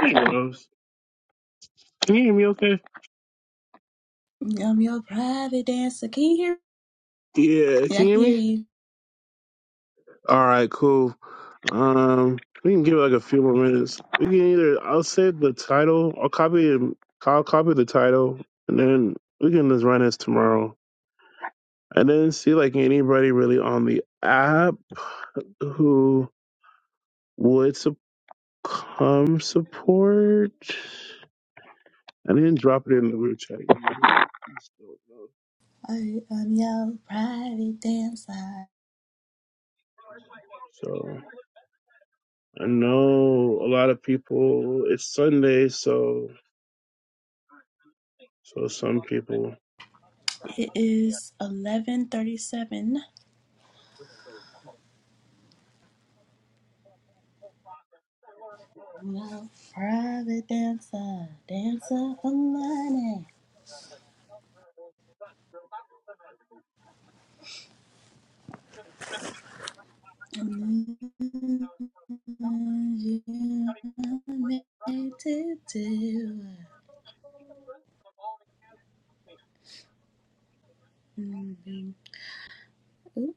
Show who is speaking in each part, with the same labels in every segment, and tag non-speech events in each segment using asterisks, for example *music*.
Speaker 1: Hey, *laughs* Rose. Can you hear me okay?
Speaker 2: I'm your private dancer. Can you hear?
Speaker 1: Yeah,
Speaker 2: Yeah, I
Speaker 1: can you
Speaker 2: can
Speaker 1: hear
Speaker 2: hear
Speaker 1: me?
Speaker 2: you.
Speaker 1: All right, cool. Um, we can give it like a few more minutes. We can either I'll say the title, I'll copy it, I'll copy the title, and then we can just run this tomorrow, and then see like anybody really on the app who would sup- come support, and then drop it in the group chat.
Speaker 2: I, I'm your private dancer.
Speaker 1: So I know a lot of people. It's Sunday, so So some people,
Speaker 2: It is 11:37. I'm your private dancer, dancer for money. You made to do. it.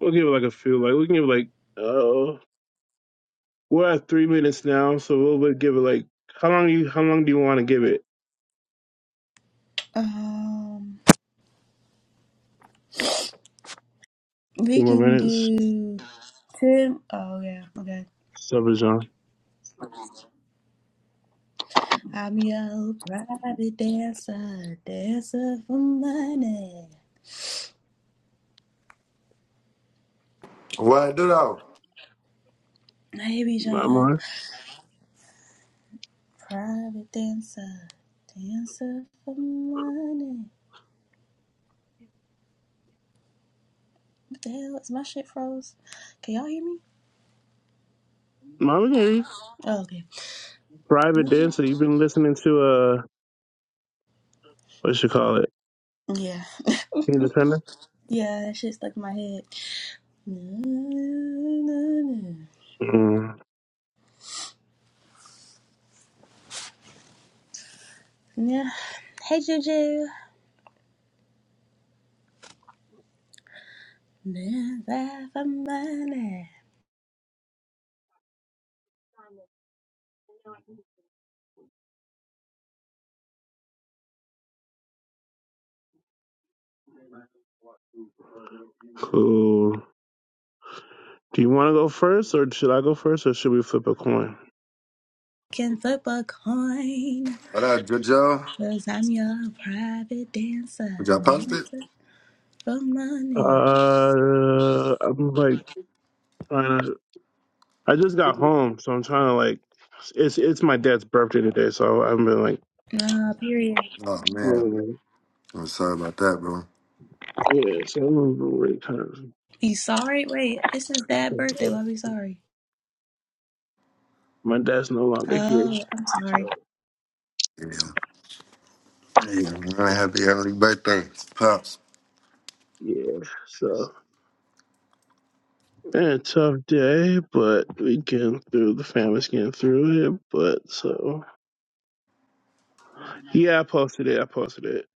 Speaker 1: we'll give it like a few, like we can give it like, uh, we're at three minutes now, so we'll, we'll give it like, how long you, how long do you want to give it?
Speaker 2: Um, we
Speaker 1: Two more
Speaker 2: can
Speaker 1: minutes.
Speaker 2: do Tim. Oh yeah, okay.
Speaker 1: Sub is on.
Speaker 2: I'm your private dancer, dancer for money. Hey,
Speaker 1: Not
Speaker 2: Bijan.
Speaker 1: more.
Speaker 2: Private dancer, dancer for money. What the hell? Is my shit froze? Can y'all hear me?
Speaker 1: Mom, we can hear you.
Speaker 2: Oh, okay.
Speaker 1: Private dancer. You've been listening to uh, what you call it?
Speaker 2: Yeah.
Speaker 1: Independent.
Speaker 2: Yeah, that shit stuck in my head. No, no,
Speaker 1: Mm,
Speaker 2: no. Yeah. Hey, Juju. Dancer for money.
Speaker 1: cool. Do you want to go first, or should I go first, or should we flip a coin?
Speaker 2: Can flip a coin. Cause I'm your private dancer, dancer for money.
Speaker 1: Uh, I'm like trying to. I just got home, so I'm trying to like. It's it's my dad's birthday today, so I've been like
Speaker 2: Nah, period.
Speaker 1: Um, yeah, so I remember when kind
Speaker 2: Be sorry? Wait, it's his dad's birthday.
Speaker 1: of
Speaker 2: Why be sorry?
Speaker 1: my dad's no longer here.
Speaker 2: Oh, I'm
Speaker 1: So
Speaker 2: sorry.
Speaker 1: yeah, so man, tough day, but we getting through the family's getting through it. But so yeah, I posted it. I posted it.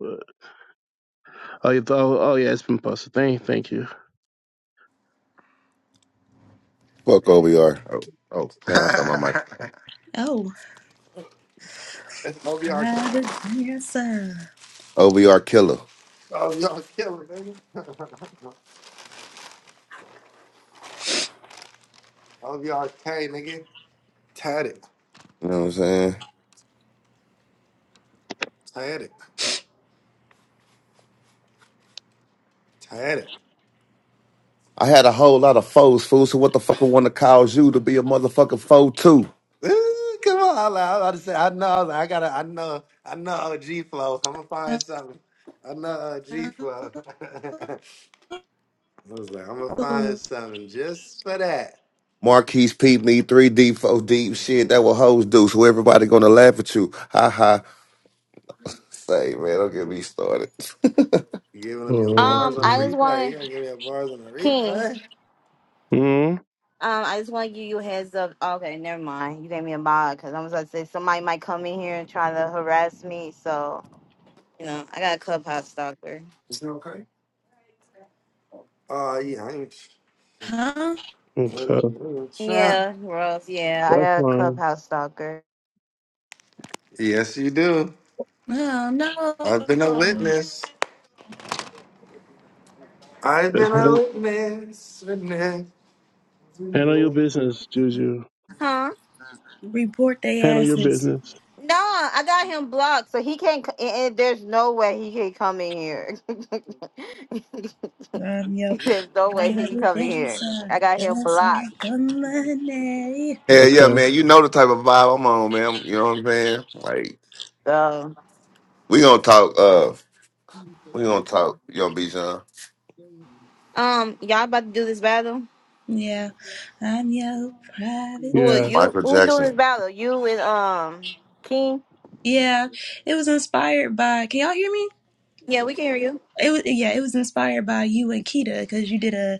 Speaker 1: But oh, you thought, oh yeah, it's been posted. Thank, thank you.
Speaker 3: Fuck OVR. Oh, oh damn, I thought my mic.
Speaker 2: Oh, private dancer.
Speaker 3: OVR killer. You know what I'm saying? I had a whole lot of foes, fool, so what the fuck I want to cause you to be a motherfucking foe too?
Speaker 2: Oh,
Speaker 3: Marquise peep me 3D, 4 deep shit, that what hoes do, so everybody gonna laugh at you. Ha ha. Say, man, don't get me started. *laughs*
Speaker 1: Oh,
Speaker 4: Um, I just want King.
Speaker 1: mm
Speaker 4: Um, I just want to give you a heads up. Okay, never mind. You gave me a mod because I was about to say somebody might come in here and try to harass me. So you know, I got a clubhouse stalker.
Speaker 2: huh?
Speaker 1: okay,
Speaker 4: Yeah, Ross. Yeah, I
Speaker 1: that's
Speaker 4: got a
Speaker 1: fine.
Speaker 4: clubhouse stalker.
Speaker 2: Oh, no.
Speaker 1: That's fine. Handle your business, Juju.
Speaker 4: Huh?
Speaker 2: Report they
Speaker 1: Handle your
Speaker 2: asses.
Speaker 1: business.
Speaker 4: No, I got him blocked, so he can't. c- And and there's no way he can come in here. *laughs*
Speaker 2: I'm your
Speaker 4: there's no way he can
Speaker 2: private
Speaker 4: come in here.
Speaker 2: dancer.
Speaker 4: I got him
Speaker 2: Dancer
Speaker 4: blocked.
Speaker 2: for money.
Speaker 3: Hell yeah,
Speaker 1: Okay.
Speaker 3: man, you know the type of vibe I'm on, man. You know what I'm saying? Like,
Speaker 4: So,
Speaker 3: we gonna talk, uh, we gonna talk, Young B. John,
Speaker 4: um, y'all about to do this battle?
Speaker 2: Yeah, I'm your private
Speaker 4: Who are
Speaker 1: Yeah.
Speaker 2: dancer.
Speaker 4: you?
Speaker 3: Michael
Speaker 4: Who's doing this
Speaker 3: Jackson.
Speaker 4: battle? You and um King?
Speaker 2: Yeah, it was inspired by. Can y'all hear me?
Speaker 4: Yeah, we can hear you.
Speaker 2: It was yeah, it was inspired by you and Keita because you did a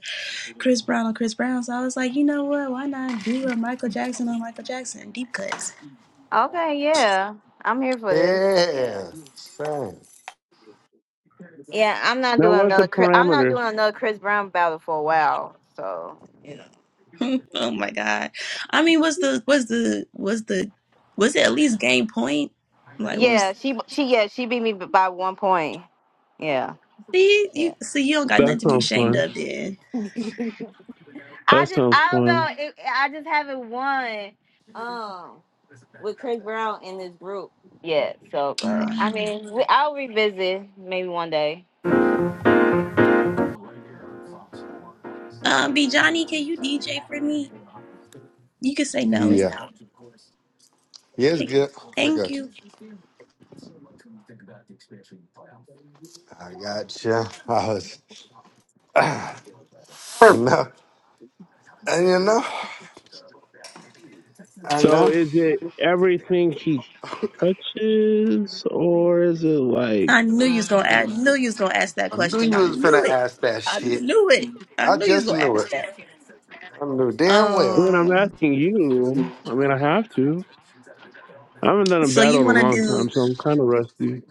Speaker 2: Chris Brown on Chris Brown. So I was like, you know what? Why not do a Michael Jackson on Michael Jackson deep cuts?
Speaker 4: Okay, yeah, I'm here for this. Yeah. Yeah, I'm not
Speaker 1: Now,
Speaker 4: doing
Speaker 1: what's the
Speaker 4: another. Chris, I'm not
Speaker 1: parameters?
Speaker 4: doing another Chris Brown battle for a while. So Yeah.
Speaker 2: *laughs* oh my god! I mean, was the was the was the was it at least game point? Like, what was?
Speaker 4: yeah, she she yeah she beat me by one point. Yeah.
Speaker 2: See
Speaker 4: Yeah.
Speaker 2: you see you don't got
Speaker 1: That
Speaker 2: nothing to be
Speaker 1: sounds
Speaker 2: ashamed
Speaker 1: fun.
Speaker 2: of then.
Speaker 4: I
Speaker 1: That
Speaker 4: just
Speaker 1: sounds
Speaker 4: I don't
Speaker 1: fun.
Speaker 4: know. It, I just haven't won um with Chris Brown in this group. Yeah, so but I
Speaker 2: Um,
Speaker 4: mean we, I'll revisit maybe one day.
Speaker 2: um, B Johnny, can you DJ for me? You can say no. It's okay. Thank you.
Speaker 3: Oh
Speaker 1: So, is it everything he touches, or is it like?
Speaker 2: I knew you was gonna. I knew you was gonna ask that question. I knew it. I knew it. I knew you was gonna ask that.
Speaker 1: I mean, I'm
Speaker 2: Um.
Speaker 1: asking you. I mean, I have to. I haven't done a
Speaker 2: So
Speaker 1: battle
Speaker 2: you
Speaker 1: in
Speaker 2: want
Speaker 1: a
Speaker 2: to
Speaker 1: long
Speaker 2: do?
Speaker 1: time, so I'm kind of rusty.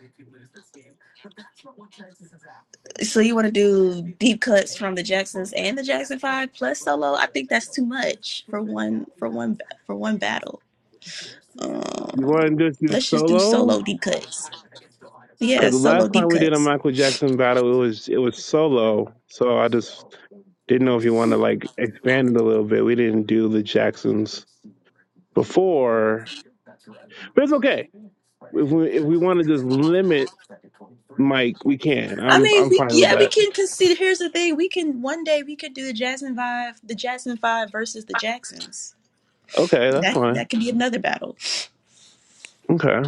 Speaker 2: So you want to do deep cuts from the Jacksons and the Jackson Five plus solo? I think that's too much for one for one for one battle. Um.
Speaker 1: You want to just do
Speaker 2: Let's just do
Speaker 1: solo?
Speaker 2: solo deep cuts. Yeah,
Speaker 1: Because the
Speaker 2: solo
Speaker 1: last time
Speaker 2: deep
Speaker 1: we did a
Speaker 2: cuts.
Speaker 1: Michael Jackson battle, it was it was solo. So I just didn't know if you want to like expand it a little bit. We didn't do the Jacksons before, but it's okay. If we if we want to just limit Mike, we can.
Speaker 2: I
Speaker 1: I'm
Speaker 2: mean,
Speaker 1: I'm
Speaker 2: we
Speaker 1: fine with
Speaker 2: yeah, we
Speaker 1: that.
Speaker 2: can consider. Here's the thing: we can one day we could do the Jasmine Five, the Jasmine Five versus the Jacksons.
Speaker 1: Okay, that's
Speaker 2: That
Speaker 1: fine.
Speaker 2: that could be another battle.
Speaker 1: Okay,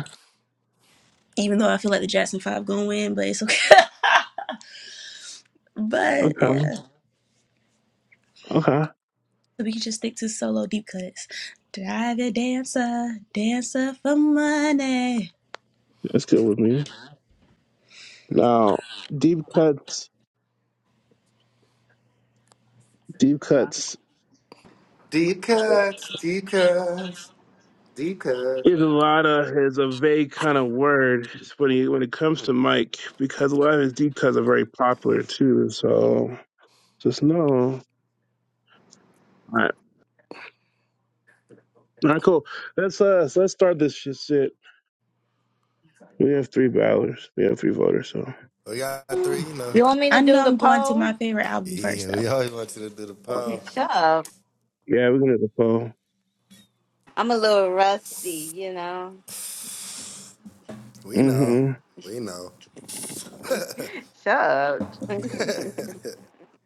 Speaker 2: even though I feel like the Jackson Five gonna win, but it's okay. *laughs* but
Speaker 1: okay,
Speaker 2: yeah,
Speaker 1: okay.
Speaker 2: so we can just stick to solo deep cuts. Drive a dancer, dancer for money.
Speaker 1: That's good with me. Now, deep cuts, deep cuts is a lot of is a vague kind of word when he, when it comes to Mike because a lot of his deep cuts are very popular too. So just know. All right, all right, cool. Let's uh so let's start this shit. We have three ballots. We have three voters. So
Speaker 2: Mm.
Speaker 4: You want me
Speaker 2: I
Speaker 4: to
Speaker 2: know
Speaker 4: do the
Speaker 2: I'm going to
Speaker 4: poll?
Speaker 2: my favorite album first though.
Speaker 4: Shove.
Speaker 1: yeah, we're gonna do the poll.
Speaker 4: I'm a little rusty, you know.
Speaker 1: Mm-hmm.
Speaker 4: Shove.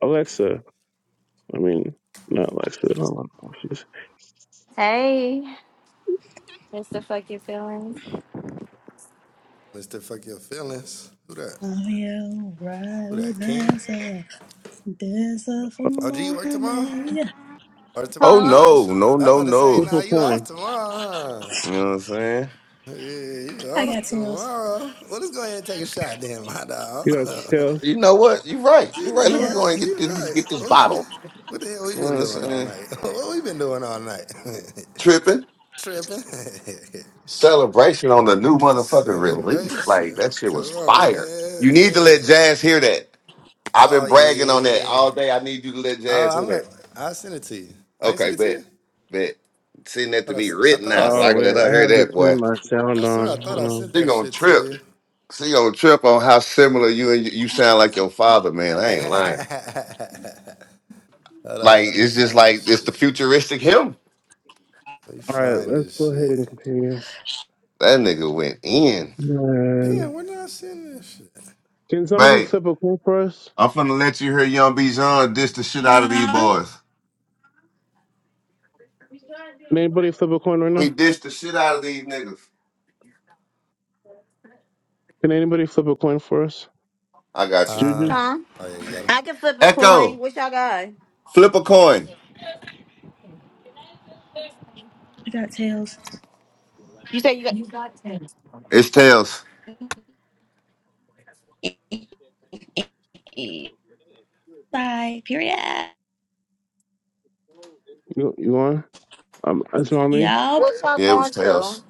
Speaker 1: Alexa, I mean, not like shit. I don't like horses.
Speaker 4: Hey. What's the fucking feelings?
Speaker 2: I'm your private dancer, dancer for money. Yeah,
Speaker 4: Huh?
Speaker 3: no, no, no, no.
Speaker 1: Flip a coin.
Speaker 3: You know what I'm saying?
Speaker 2: I got tails.
Speaker 1: You got to tell.
Speaker 3: You know what? You're right. You're right. Let me
Speaker 2: Yep,
Speaker 3: go and get this get this bottle. You know what I'm saying? Tripping. Celebration on the new motherfucking release. Like that shit was fire. You need to let Jazz hear that. I've been bragging on that all day. I need you to let Jazz hear that. Okay, bet. Bet. Send that to me written now so
Speaker 1: Oh
Speaker 3: I can
Speaker 1: wait,
Speaker 3: let her
Speaker 1: I
Speaker 3: hear
Speaker 1: have to
Speaker 3: that, boy.
Speaker 1: turn my sound on. Hold on.
Speaker 3: She gonna trip. She gonna trip on how similar you and you sound like your father, man. I ain't lying. Like it's just like it's the futuristic him.
Speaker 1: All right, let's go ahead and continue.
Speaker 3: That nigga went in.
Speaker 1: Man, can somebody
Speaker 3: Bang.
Speaker 1: flip a coin for us?
Speaker 3: I'm finna let you hear Young B. John dish the shit out of these
Speaker 2: Uh,
Speaker 3: boys.
Speaker 1: Can anybody flip a coin right
Speaker 3: He
Speaker 1: now?
Speaker 3: dished the shit out of these niggas.
Speaker 1: Can anybody flip a coin for us?
Speaker 3: I got you.
Speaker 1: Juju,
Speaker 4: Huh? I can flip a coin.
Speaker 3: Echo,
Speaker 4: What y'all got?
Speaker 3: flip a coin.
Speaker 2: I got tails.
Speaker 3: It's tails.
Speaker 2: Bye. Period.
Speaker 1: you you on? Um, that's not me.
Speaker 2: Yup.
Speaker 4: What y'all
Speaker 3: Yeah, it was
Speaker 4: going to?
Speaker 3: tails.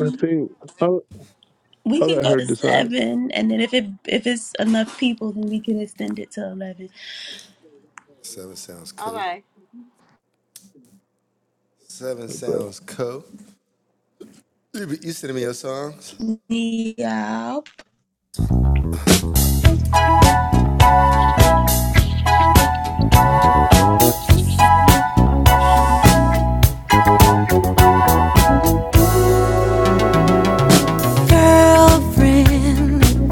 Speaker 1: I think I'll,
Speaker 2: We
Speaker 1: I'll
Speaker 2: can
Speaker 1: let
Speaker 2: go
Speaker 1: her
Speaker 2: to
Speaker 1: decide.
Speaker 2: seven, and then if it if it's enough people, then we can extend it to eleven.
Speaker 4: All right.
Speaker 1: But
Speaker 2: Yeah,
Speaker 5: girlfriend.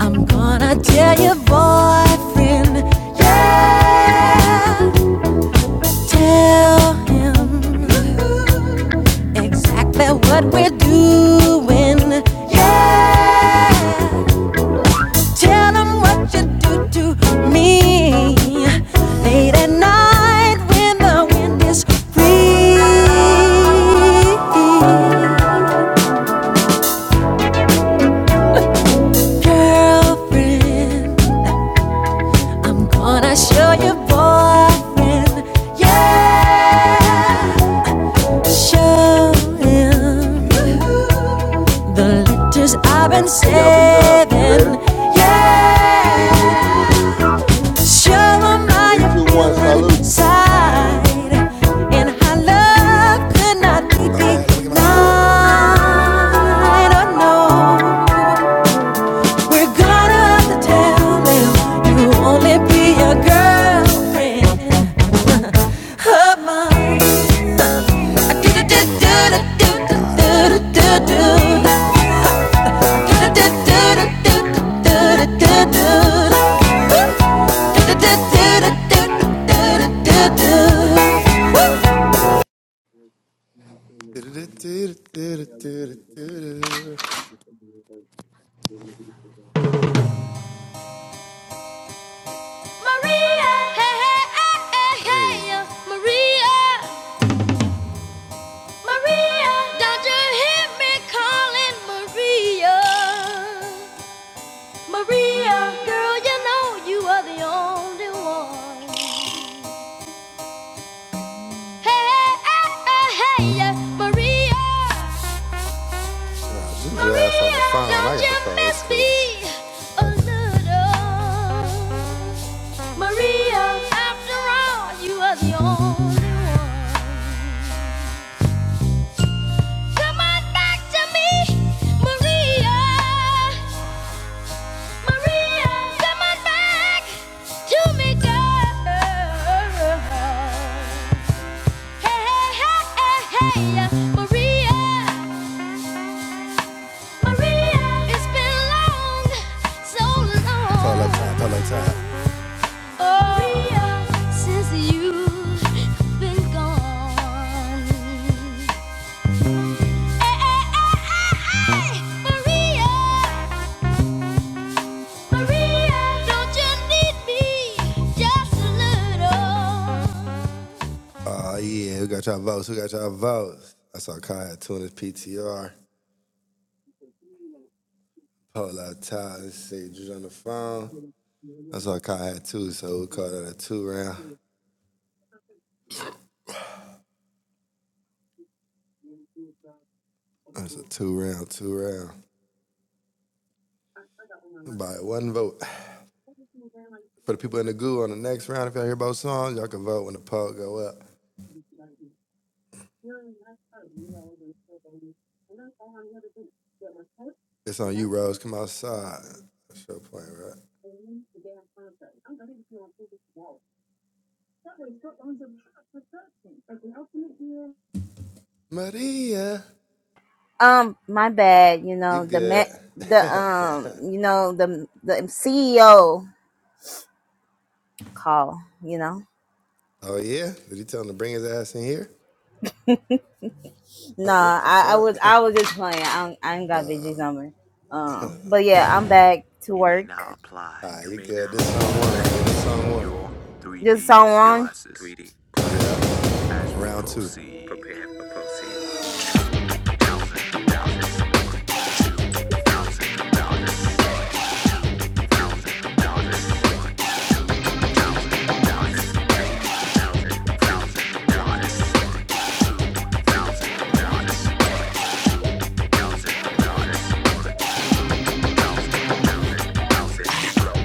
Speaker 5: I'm gonna tell your boyfriend. Yeah, tell him exactly what we're doing. Yeah, tell him what you do to me late at night when the wind is free. Girlfriend, I'm gonna show you, boyfriend. Yeah, show him the letters I've been
Speaker 3: Hey, Young B. John, you
Speaker 5: saving.
Speaker 3: ready?
Speaker 5: Yeah, show him how
Speaker 3: Three,
Speaker 5: you
Speaker 3: two, one,
Speaker 5: feel
Speaker 3: salute.
Speaker 5: inside and how love could not be denied. Oh know. We're gonna tell them you only be a girlfriend of mine. Do do do do do do do do do do. Do do do do do do do do do. Do do do do do do do do do.
Speaker 6: Maria, hey, hey, hey, hey, hey, Maria, Maria, don't you hear me calling Maria? Maria, girl, you know you are the only one. Hey, hey, hey, hey, hey, yeah, Maria, be a little. Maria, after all, you are the only one. Come on back to me, Maria. Maria, come on back to me, girl. Hey, hey, hey, hey, hey, yeah, Maria. Maria, it's been long, so long. Oh, Maria, since you've been gone. Hey, hey, hey, hey, hey, Maria. you
Speaker 1: Yeah,
Speaker 4: Um, my bad. You know the met the um you know the the CEO call. You know. No, I I was I was just playing. I don't, I ain't got VG's number. Um, but yeah, I'm back to
Speaker 6: may now
Speaker 4: work.
Speaker 6: apply for
Speaker 4: Just
Speaker 6: 3D
Speaker 4: so long.
Speaker 6: glasses. 3D. As we prepare to proceed.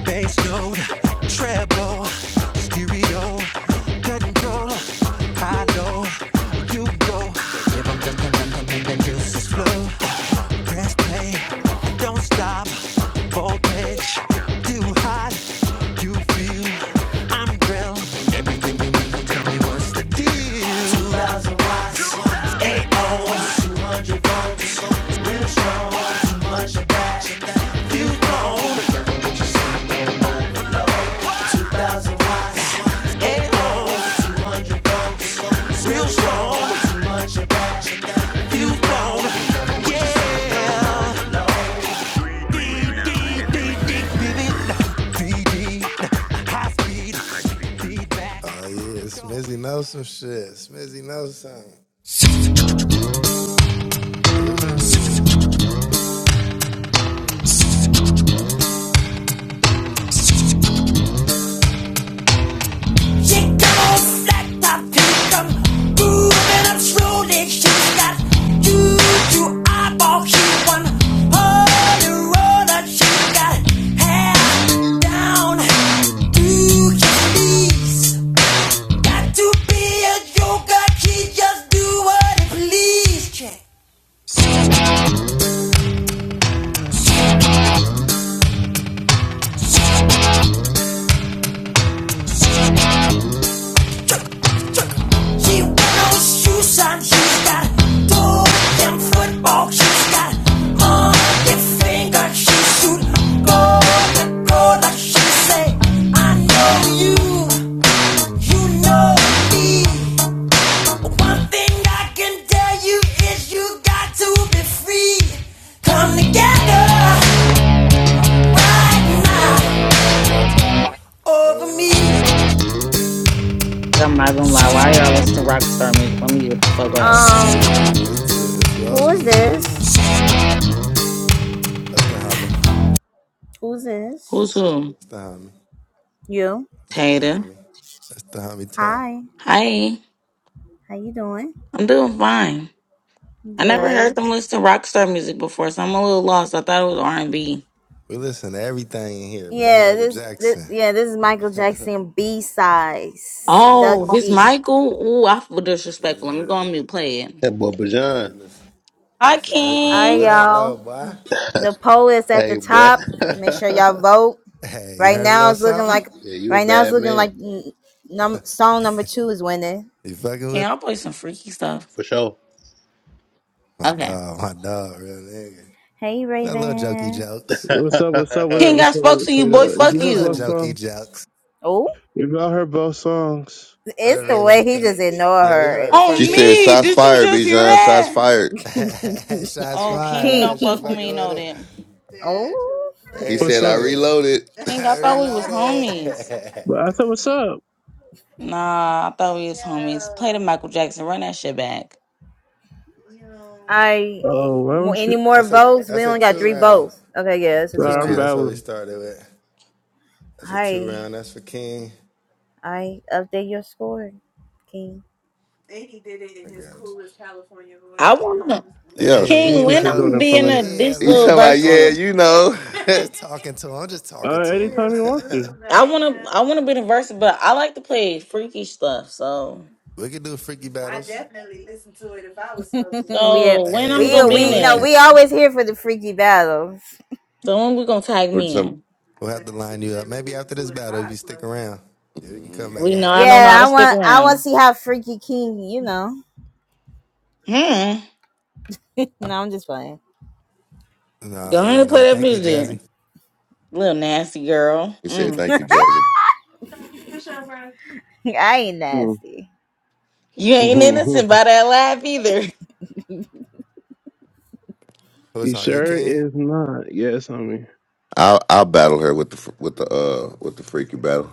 Speaker 6: bass note, treble, stereo, control, high low, you go. Give 'em them, them, them, them, them, them juices flow. Press play, don't stop. Voltage too hot, you feel I'm grilled. Everything you need tell me what's the deal. To that fuse box, real strong. Fuse box, BB, BD, high speed, feedback.
Speaker 5: She come on black top come moving up slowly. She's got juju eyeball. She one holy roller. She got hair down to her knees. Got to be a joker. She just do what it please. Check. He knows shoes on. He's got two them football. He's got on the finger. He shoot goal the goal. Like she say, I know you. You know me. One thing I can tell you is you got to be free. Come together right now over me.
Speaker 7: I'm not gonna lie. Why y'all listen to rock star music? Let me get the fuck out.
Speaker 4: Um, Who is this? Who's this?
Speaker 7: Who's who?
Speaker 4: You.
Speaker 7: Tater.
Speaker 4: Hi.
Speaker 7: Hi.
Speaker 4: How you doing?
Speaker 7: I'm doing fine. I never heard
Speaker 4: Good.
Speaker 7: them listen to rock star music before, so I'm a little lost. I thought it was R and B.
Speaker 4: Yeah, this, this yeah, this is Michael Jackson B size. Duck
Speaker 7: Oh, this
Speaker 4: D.
Speaker 7: Michael. Ooh, I feel disrespectful. Let me go on mute. Play it.
Speaker 8: That boy Bajan.
Speaker 7: Hi,
Speaker 4: Alright,
Speaker 7: King.
Speaker 4: y'all. The poll is at
Speaker 8: Hey,
Speaker 4: the
Speaker 8: boy.
Speaker 4: top.
Speaker 8: *laughs*
Speaker 4: Make sure y'all vote. Right now it's looking like
Speaker 8: yeah, you a
Speaker 4: right now it's
Speaker 8: bad
Speaker 4: looking
Speaker 8: man.
Speaker 4: like mm, num- song number two is winning.
Speaker 7: King, I'll play some freaky stuff.
Speaker 8: For sure.
Speaker 7: Okay.
Speaker 4: Hey Raven.
Speaker 8: *laughs*
Speaker 1: What's up? What's up? What
Speaker 8: yeah,
Speaker 1: up?
Speaker 7: King, I
Speaker 1: What's up?
Speaker 7: spoke to
Speaker 1: What's up?
Speaker 7: you, boy.
Speaker 1: If you
Speaker 7: Fuck
Speaker 1: heard both
Speaker 7: you.
Speaker 1: songs,
Speaker 4: Oh,
Speaker 1: if y'all heard both songs,
Speaker 4: it's the way he just ignored her for
Speaker 3: She
Speaker 7: On
Speaker 3: said,
Speaker 4: me.
Speaker 7: me.
Speaker 3: shots
Speaker 7: Did you
Speaker 3: fired,
Speaker 7: just
Speaker 3: B.
Speaker 7: hear
Speaker 3: John, shots
Speaker 7: that?
Speaker 3: fired.
Speaker 7: Oh,
Speaker 4: *laughs*
Speaker 7: King, don't
Speaker 4: King.
Speaker 7: fuck with me. You know that.
Speaker 4: Oh,
Speaker 3: He
Speaker 1: what's
Speaker 3: said, I
Speaker 1: up?
Speaker 3: reloaded. *laughs*
Speaker 7: King, I thought we was homies.
Speaker 1: But I said, what's up?
Speaker 7: Nah, I thought we was homies. Play the Michael Jackson. Run that shit back.
Speaker 4: I
Speaker 1: Oh, why
Speaker 4: mo-
Speaker 1: don't you?
Speaker 4: any more votes? We only got three votes. Okay, yeah, it's a two
Speaker 1: Sorry, I'm
Speaker 4: round.
Speaker 1: babbling.
Speaker 4: I I update your score, King.
Speaker 7: I wanna
Speaker 3: Yeah.
Speaker 1: Thank
Speaker 7: King
Speaker 1: you
Speaker 7: when
Speaker 1: for
Speaker 7: I'm gonna
Speaker 1: doing it
Speaker 7: be
Speaker 1: for
Speaker 7: in
Speaker 1: me.
Speaker 7: a this
Speaker 3: He
Speaker 7: little
Speaker 3: talking about, yeah,
Speaker 7: verses.
Speaker 3: you know. *laughs*
Speaker 1: Uh, anytime you want
Speaker 7: I wanna I wanna be in a verses, but I like to play freaky stuff. So
Speaker 4: *laughs* we
Speaker 7: so when I'm
Speaker 4: we
Speaker 7: gonna be in
Speaker 4: we you know
Speaker 7: there?
Speaker 4: we always here for the freaky battles.
Speaker 7: So when we gonna tag
Speaker 3: Or
Speaker 7: me
Speaker 3: some.
Speaker 7: in?
Speaker 3: hmm
Speaker 7: We know I don't know
Speaker 4: Yeah,
Speaker 7: how to
Speaker 4: I
Speaker 7: stick
Speaker 4: want I want to
Speaker 7: around.
Speaker 4: see how freaky King. You know,
Speaker 7: Hmm.
Speaker 4: *laughs* no, I'm just playing.
Speaker 7: Go ahead and play that music, little nasty girl.
Speaker 3: He said,
Speaker 7: Mm.
Speaker 3: "Thank you, Jazzy.
Speaker 4: *laughs* I ain't
Speaker 1: to. *laughs*
Speaker 4: nasty.
Speaker 7: You ain't innocent
Speaker 1: Mm-hmm.
Speaker 7: by that laugh either.
Speaker 1: You sure is not. Yes, I
Speaker 3: I'll I'll battle her with the fr- with the uh with the freaky battle.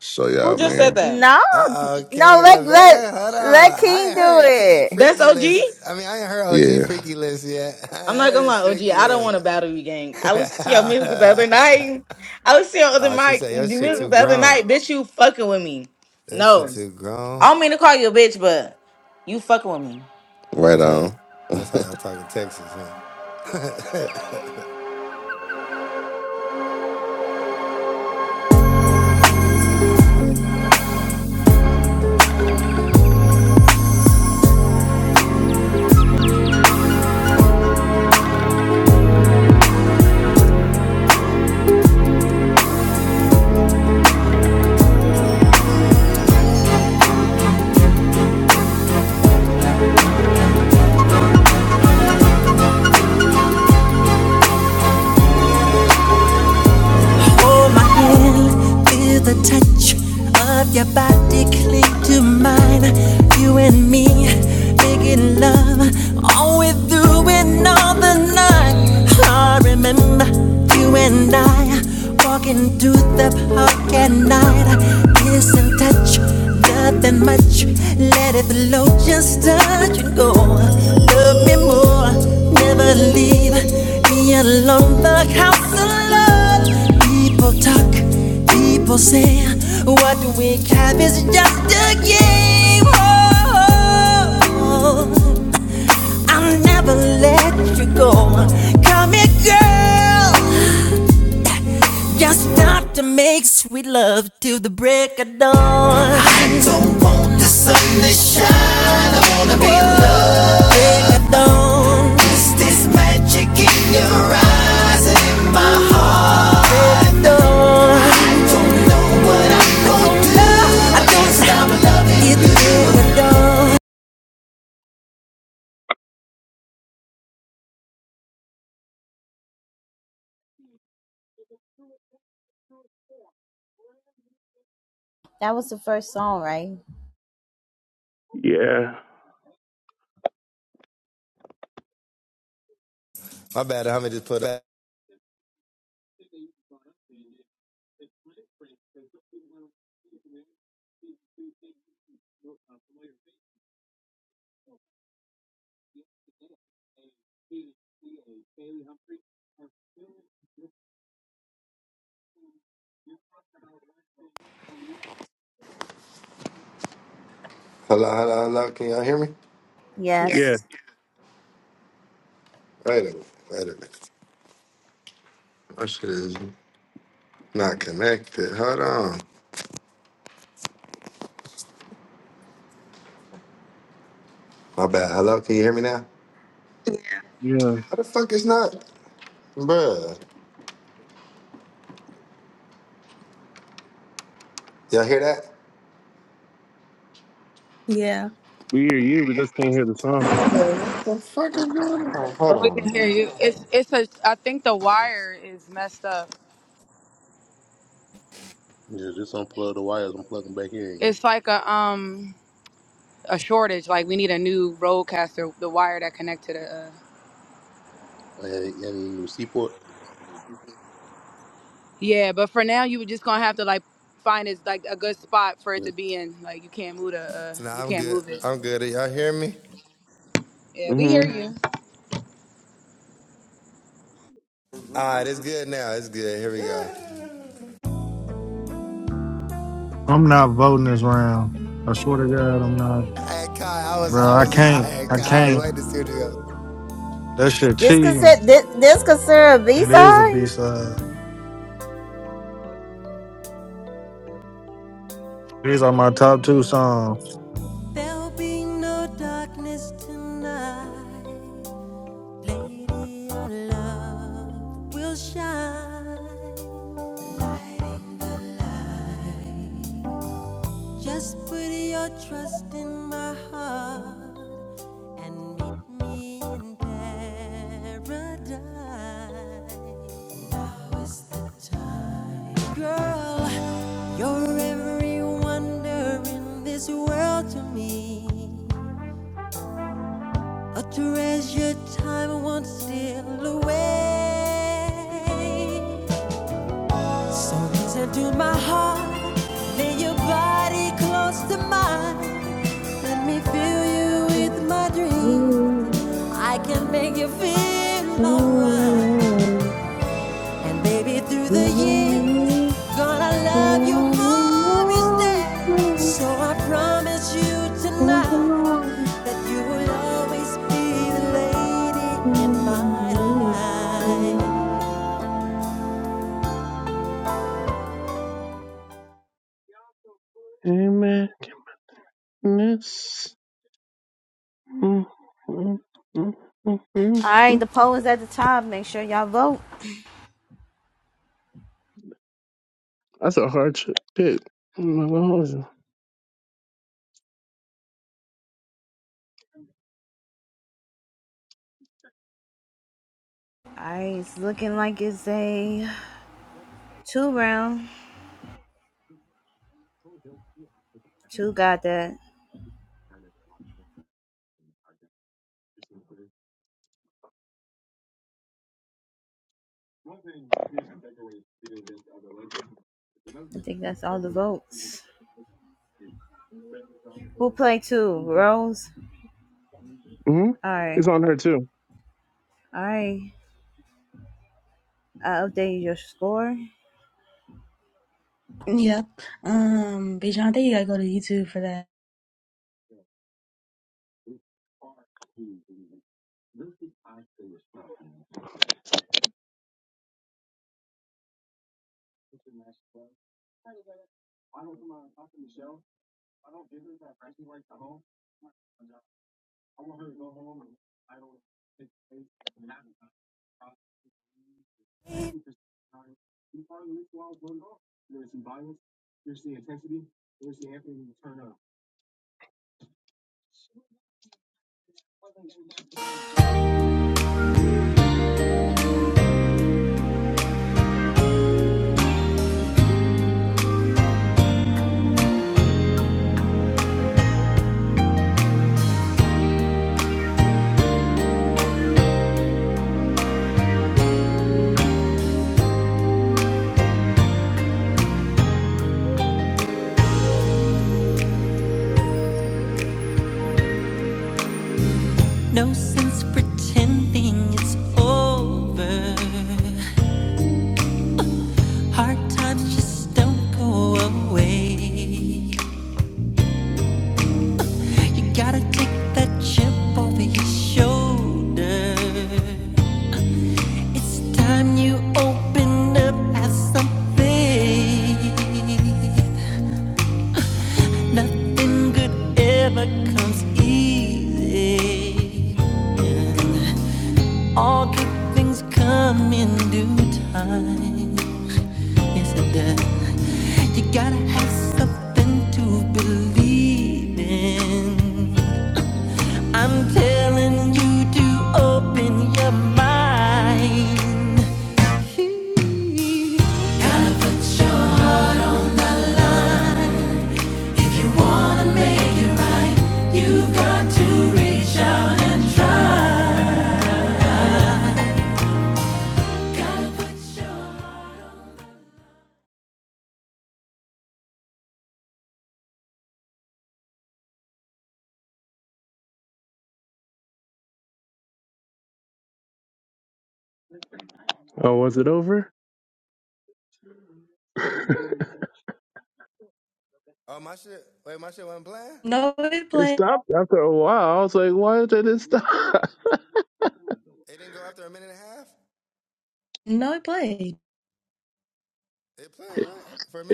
Speaker 3: So
Speaker 7: *laughs* Who
Speaker 3: y'all,
Speaker 7: just said
Speaker 3: man.
Speaker 7: that?
Speaker 4: No, no, let let let King do it.
Speaker 7: That's OG.
Speaker 3: Yeah,
Speaker 7: I'm not gonna lie, OG. I don't want to battle you, gang. I listened to your music the other night. I listened to your other mic, your music the other night. Bitch, you fucking with me. No, I don't mean to call you a bitch, but you fucking with me.
Speaker 3: right on.
Speaker 5: Hold my hand, feel the touch of your body cling to mine. You and me, making love all we do and all the night. I remember you and I walking through the park at night, kiss and touch. Nothing much, let it flow, just touch and go. Love me more, never leave me alone. The house alone. People talk, people say, what we have is just a game. Oh, I'll never let you go. Come here, girl. Just start to make sweet love till the break of dawn. I don't want the sun to shine. I wanna be loved. Break of dawn. Is this magic in your eyes and in my heart? Break of Dawn. It's break of dawn.
Speaker 4: That was the first song, right?
Speaker 1: Yeah. Yeah.
Speaker 6: Yes.
Speaker 4: Yes.
Speaker 1: Yeah.
Speaker 2: yeah,
Speaker 1: We hear you, we just can't hear the song.
Speaker 9: But we can hear you. It's it's a. I think the wire is messed up.
Speaker 8: just unplug the wires. I'm plugging back in again.
Speaker 9: It's like a um a shortage. Like we need a new roadcaster. The wire that connect to the. Uh,
Speaker 8: Any, any new seaport?
Speaker 9: yeah, but for now you were just gonna have to like find it's like a good spot for it
Speaker 8: Yeah.
Speaker 9: to be in. Like you can't move the. Uh, you can't move it. Yeah, we hear
Speaker 1: Mm-hmm.
Speaker 9: you.
Speaker 10: I'm not voting this round. I swear to God, I'm not. Bro, I can't. I can't. That shit
Speaker 4: This could
Speaker 10: cheating.
Speaker 4: ser- this, this could serve a B
Speaker 10: It is a B
Speaker 4: side.
Speaker 10: side. These are my top two songs.
Speaker 6: There'll be no darkness tonight. Lady, your love will shine. Lighting the light. Just put your trust in my heart and meet me in paradise. Now is the time, girl. You're every wonder in this world to me. A treasure time won't steal away. So listen to my heart, lay your body close to mine. Let me fill you with my dream. I can make you feel alright. And baby, through the years, gonna love you more each day. So I promise you tonight that you will always be the lady in my life.
Speaker 1: Amen. Mm, mm, mm, mm, mm,
Speaker 4: All right,
Speaker 1: mm.
Speaker 4: the poll is at the top. Make sure y'all vote.
Speaker 1: That's a hard sh- pick. Oh my God.
Speaker 4: All right, it's looking like it's a two round. Two got that. I think that's all the votes. Who played two? Rose?
Speaker 1: hmm
Speaker 4: All
Speaker 1: It's
Speaker 4: right.
Speaker 1: on her too.
Speaker 4: All right. I updated your score.
Speaker 2: yeah. Um, Bijan, I think you gotta go to YouTube for that.
Speaker 6: No sense pretending it's over. Hard times just don't go away. You gotta take that chip off of your shoulder. It's time you open up as something. Nothing good ever comes easy. All good things come in due time. Yes, it does. You gotta have something to believe in. I'm telling you to open your mind.
Speaker 1: Oh, was it over? *laughs* it
Speaker 2: No, it played.
Speaker 1: stopped after a while. I was like, why did it stop? *laughs*
Speaker 2: No, it played.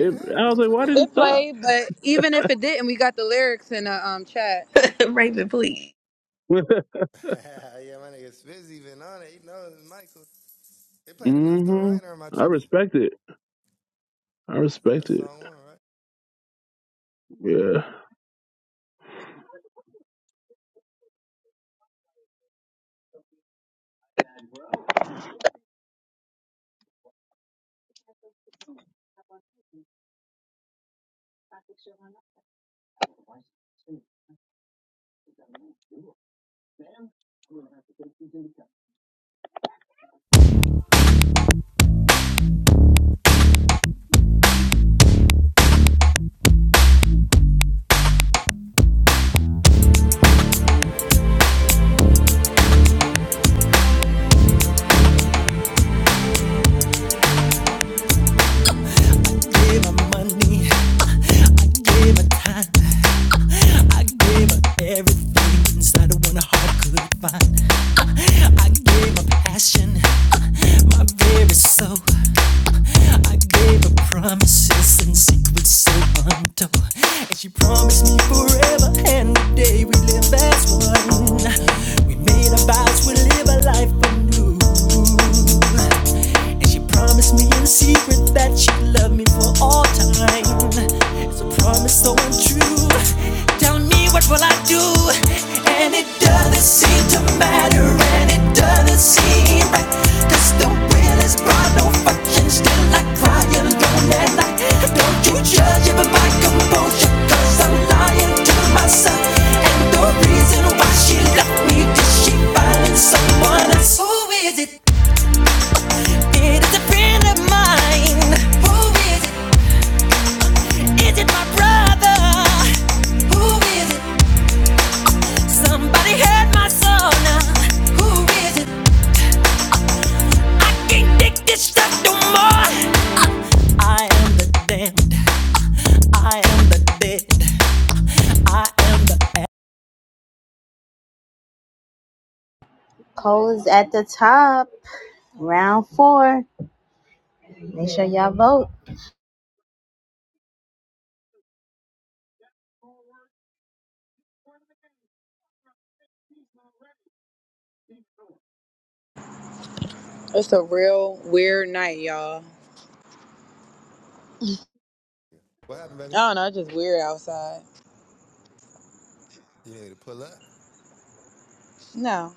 Speaker 1: It, I was like, why did it
Speaker 9: It
Speaker 1: stop?
Speaker 9: played, but even if it didn't, we got the lyrics in the um chat.
Speaker 2: *laughs* Raven, please.
Speaker 1: *laughs* hmm I respect it. I respect it. Yeah.
Speaker 5: I gave her money, I gave her time, I gave her everything inside of one heart could find. I I gave her passion, Uh, my very soul. I gave her promises and secrets so untold. And she promised me forever and the day we live as one. We made our vows, we live a life anew. And she promised me in secret that she'd love me for all time. It's a promise so untrue. Tell me me, what will I do? And it doesn't seem to matter, and it doesn't seem right, 'cause the will is gone, no fucking still, I cry alone at night. Don't you judge it by my composure, i I'm lying to myself. And the reason why she left me, did she find someone else? Who is it? It is a friend of mine. Who is it? Is it my brother? Who is it? Somebody heard my soul now. Who is it? Can't take this stuff no more. I am the damn, I am the dead.
Speaker 4: Poll is at the top. Round four. Make sure y'all vote.
Speaker 9: It's a real weird night, y'all. I don't know. It's just weird outside. No,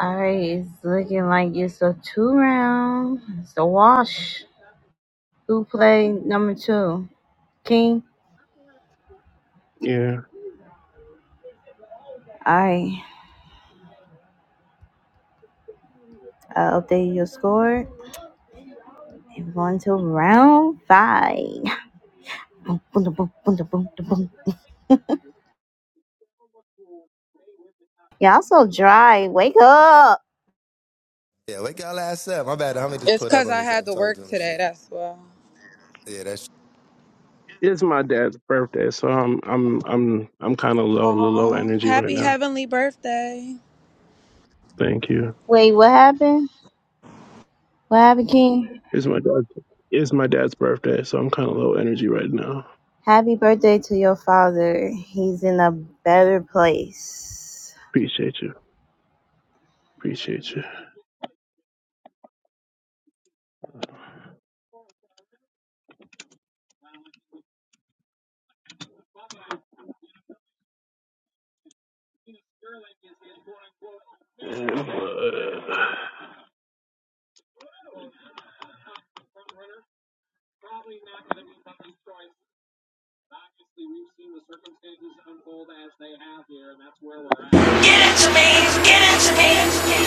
Speaker 4: All right, it's looking like it's a two round. It's a wash. Who played number two? King?
Speaker 1: Yeah.
Speaker 4: All right. I updated your score. And we're on to round five. Boom, boom, da, boom, boom, da, boom, da, boom. Y'all so dry. Wake up.
Speaker 9: it's cause I had to work today. That's why.
Speaker 1: It's my dad's birthday, so I'm I'm I'm I'm kind of low low
Speaker 9: Aw,
Speaker 1: energy right
Speaker 9: Happy
Speaker 1: now.
Speaker 9: heavenly birthday.
Speaker 1: Thank you.
Speaker 4: Wait, what happened? What happened, King?
Speaker 1: It's my dad's. It's my dad's birthday, so I'm kind of low energy right now.
Speaker 4: Happy birthday to your father. He's in a better place.
Speaker 1: Appreciate you. Appreciate you. Uh,
Speaker 5: Get it to me, get it to me.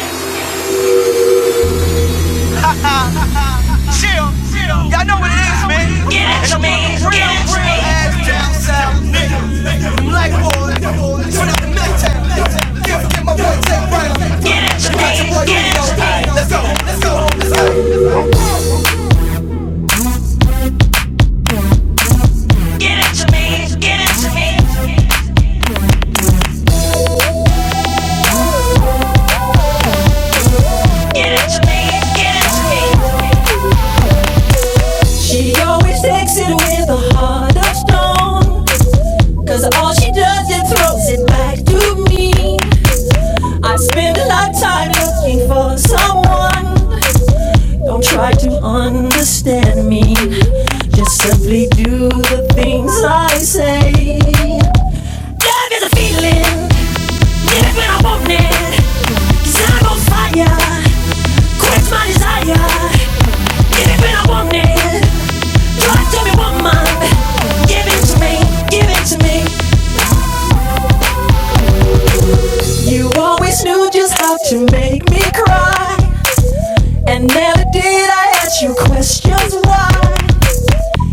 Speaker 5: Chill, chill. y'all know what it is, man. Get it And to i me, get real, it to real me. ass down south nigga. I'm like boy, turn out the mic tag. Give get my boy tech right. Get it to me, get it to me. Let's go, let's go, let's go. Get it to me, get it to me. She always takes it with a heart of stone, 'cause all she does is throws it back to me. I spend a lifetime looking for someone. Don't try to understand me. Just simply do the things I say. Love is a feeling. Get it when I want it. Desire on fire. Quench my desire. Get it when I want it. Tell me one month. Give it to me, give it to me. You always knew just how to make me cry. And never did I ask you questions why.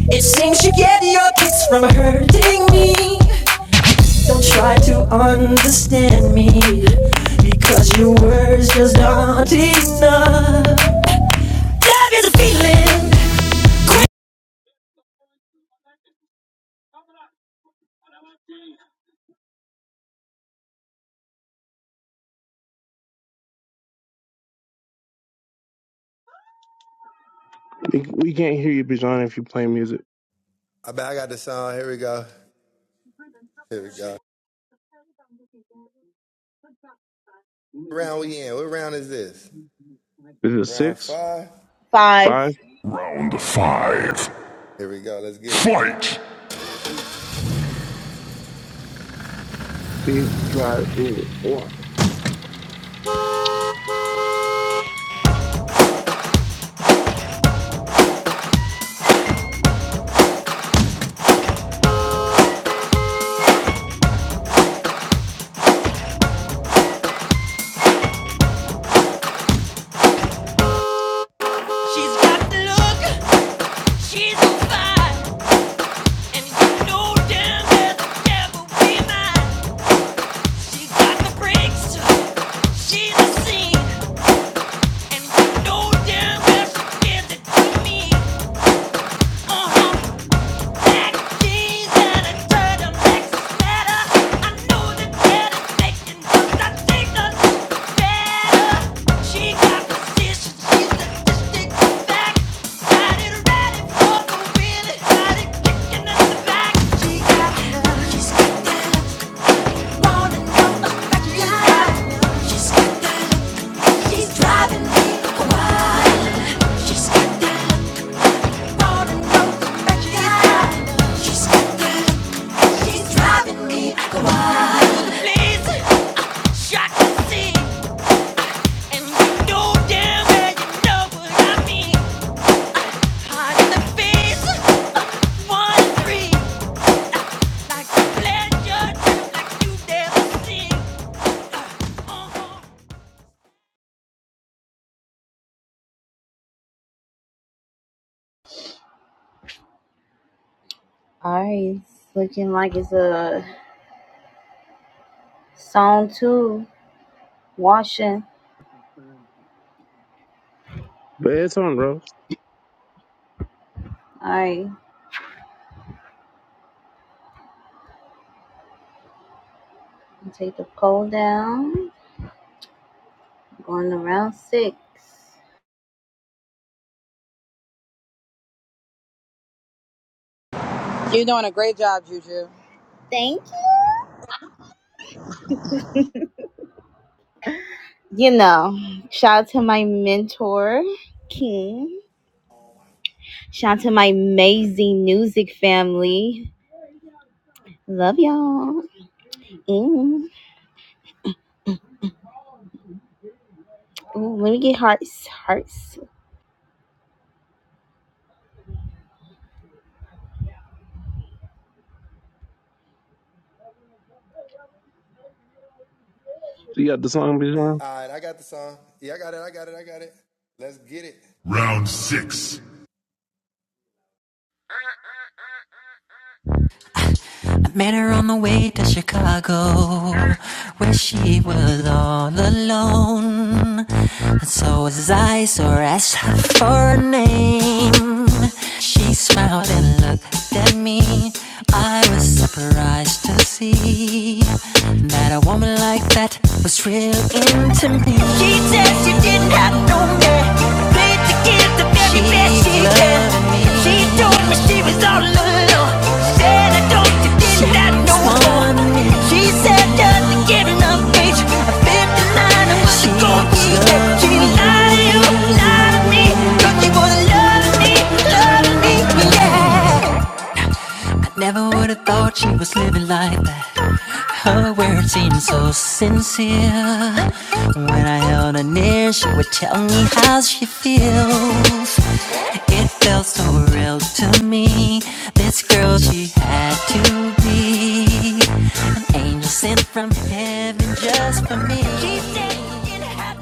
Speaker 5: It seems you get your kicks from hurting me. Don't try to understand me. Because your words just aren't enough. Love is a feeling.
Speaker 1: We, we can't hear you, Bijan, if you play music. Is it six,
Speaker 4: Five.
Speaker 1: five,
Speaker 6: Round five. Fight!
Speaker 1: eight, drive, four, one?
Speaker 6: She's got the look, she's a and you know damn well the devil be mine. She's got the breaks, she's a scene, and you know damn well she gives it to me. She's Driving me wild. She's got that look on and broken back. She's got, she's got that She's driving me wild. Please see that you mean.
Speaker 4: Alright, looking like it's a song two. Washing.
Speaker 1: But it's on, bro.
Speaker 4: Alright, take the poll down. Going to round six.
Speaker 9: You're doing a great job, Juju.
Speaker 4: Thank you. you know, shout out to my mentor, King. Shout out to my amazing music family. Love y'all. Mm. Ooh, let me get hearts. Hearts.
Speaker 1: You got the song, Bijan?
Speaker 6: Round six. Met her on the way to Chicago, where she was all alone. And so as I or asked her for a name, she smiled and looked at me. I was surprised to see that a woman like that was real into me. She said she didn't have no man. Played to give the very best she can. loving me. She told me she was all alone. She Said I don't that no more. She said doesn't get enough bitch. At 59, I'm going it. She lied to you, lied to me. Thought she was loving me, loving me, yeah. I never would have thought she was living like that. Her words seemed so sincere. When I held her near, she would tell me how she feels. It felt so real to me. This girl, she had to be an angel sent from heaven just for me.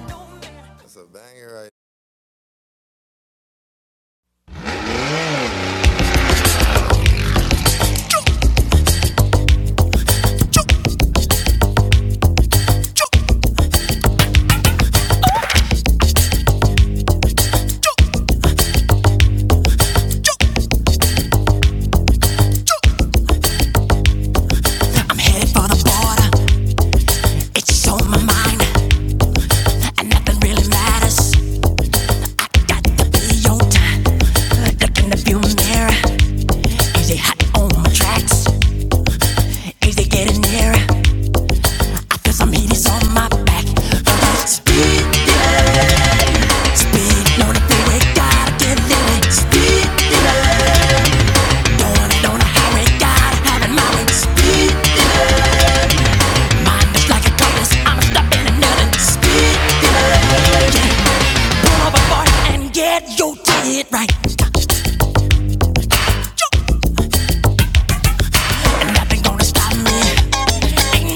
Speaker 6: no
Speaker 5: I'm headed for the border. It's just on my mind. And nothing really matters. ain't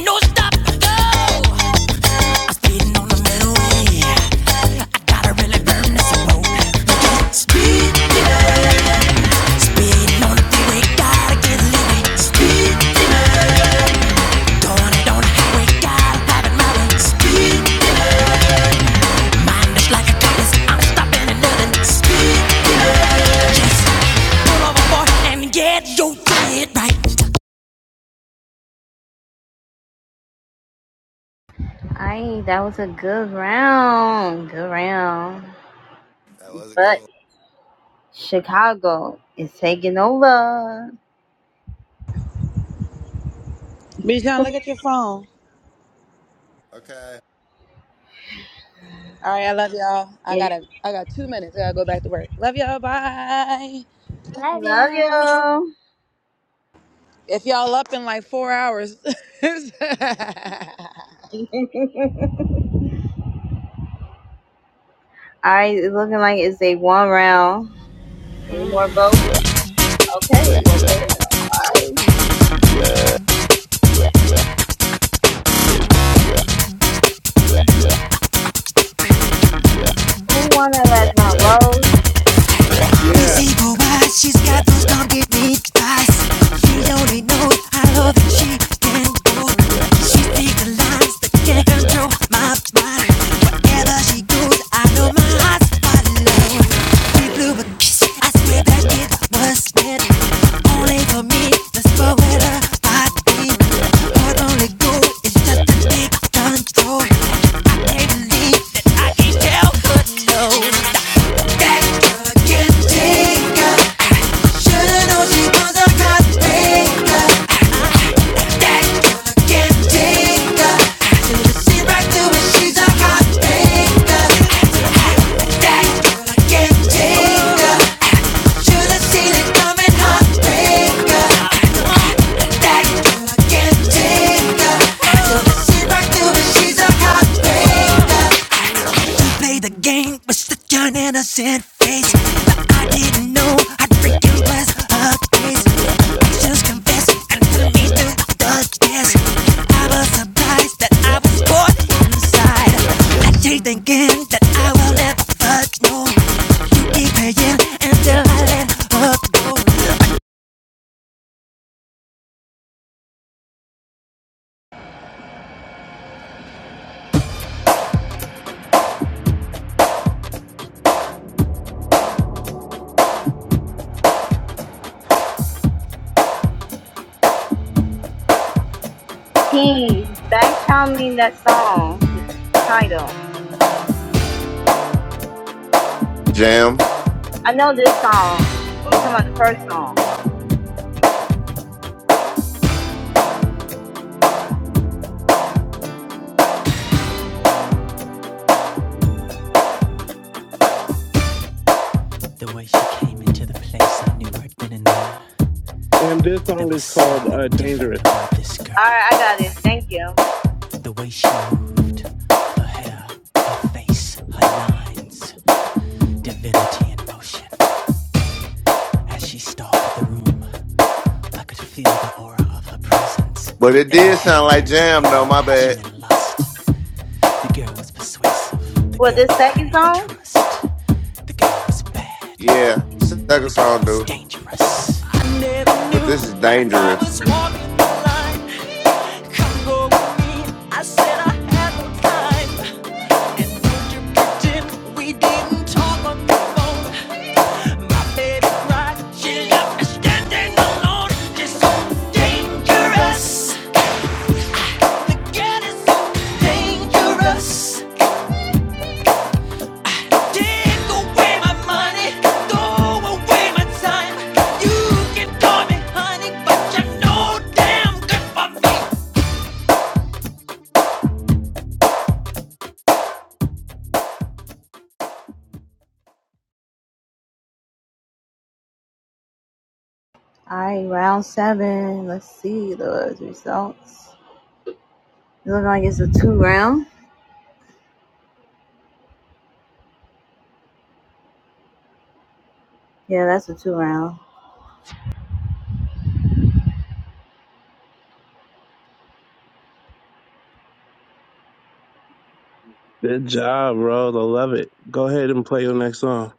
Speaker 5: no stop, go. I'm speeding on the middle way. Gotta really burn this road. Speed, speed, on the freeway, gotta get living. Speed, going it on the highway, gotta have it my way. Speed, mind is like a compass, I'm stopping and nothing. Speed, Just pull over, boy, and get your head right.
Speaker 4: Aye, that was a good round. Good round. But Chicago is taking over.
Speaker 9: Be trying to look at your phone. All right, I love y'all. I
Speaker 4: And
Speaker 9: gotta I got two minutes. I gotta go back to work. Love y'all. Bye.
Speaker 2: Love
Speaker 4: love
Speaker 2: you.
Speaker 4: y'all.
Speaker 9: If y'all up in like four hours. *laughs*
Speaker 4: *laughs* All right, it's looking like it's a one round. Any more votes? Okay, well, damn. All right. Who won that last round, Rose?
Speaker 5: You
Speaker 1: Yeah,
Speaker 5: say, but She's got those donkey big thighs. You don't even know how love that she stands for. She speaks the lines that can't control my body. Wherever she goes, I know my heart's follow. We blew a kiss. I swear that it was meant only for me. That's for where the body. Our only goal is just to take control. I can't believe that I can't tell her no. She's a hot baker. You play the game with such an innocent face. But I didn't know I'd freaking was a case. Just confessed, and put me to the test. I was surprised that I was born inside. I keep thinking that I will never know. You keep playing until I let her go.
Speaker 4: He, back channel me that song, the title.
Speaker 3: Jam,
Speaker 4: I know this song. I'm talking about the first song.
Speaker 6: The way she came to the place, I knew I'd been in
Speaker 1: and this song is called
Speaker 6: something
Speaker 1: uh, "Dangerous."
Speaker 6: different,
Speaker 4: All
Speaker 6: girl.
Speaker 4: right, I got it. Thank you.
Speaker 6: The way she moved, her hair, her face, her lines, divinity in motion. As she stalked the room, I could feel the aura of her presence.
Speaker 3: but it did
Speaker 6: Every
Speaker 3: sound
Speaker 6: head
Speaker 3: like
Speaker 6: turned,
Speaker 3: jam though.
Speaker 6: feeling
Speaker 3: My bad.
Speaker 6: passion and lust. The girl was persuasive, the
Speaker 4: Well,
Speaker 6: girl
Speaker 4: this
Speaker 6: I could
Speaker 4: second
Speaker 6: not
Speaker 4: song?
Speaker 6: trust. The girl was bad,
Speaker 3: Yeah,
Speaker 6: the
Speaker 3: second
Speaker 6: girl
Speaker 3: song,
Speaker 6: was
Speaker 3: dude.
Speaker 6: dangerous. I never
Speaker 3: But
Speaker 6: knew
Speaker 3: this is
Speaker 6: when I
Speaker 3: dangerous.
Speaker 6: was walking the line. Come go with me, I said I had no time.
Speaker 4: All right, round seven. Let's see the results. It looks like it's a two round. Yeah, that's a two round.
Speaker 1: Good job, bro. I love it. Go ahead and play your next song.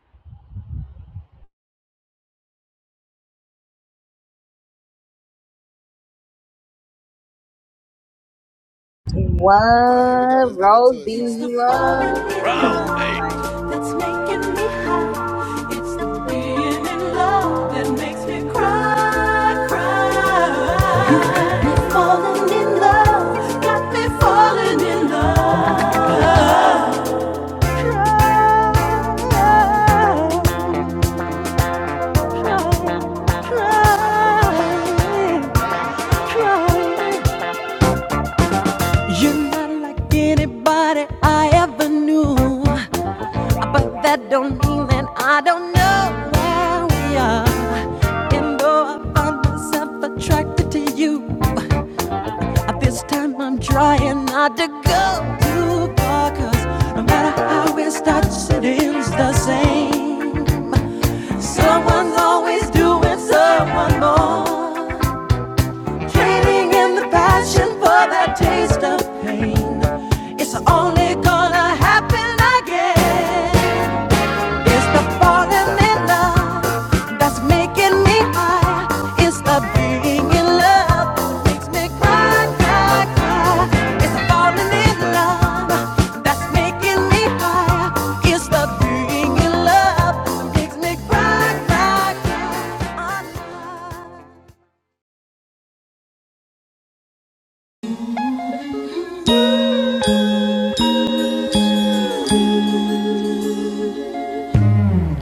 Speaker 4: What Rose beating you up? *laughs* I'm like,
Speaker 6: Body I ever knew. But that don't mean that I don't know where we are. And though I found myself attracted to you, at this time I'm trying not to go too far. 'Cause no matter how it starts, it ends the same. Someone's always doing someone more. Trading in the passion for that taste of pain. It's only gonna happen again. It's the falling in love that's making me high. It's the being in love that makes me cry, cry, cry. It's the falling in love that's making me high. It's the being in love that makes me cry, cry, cry.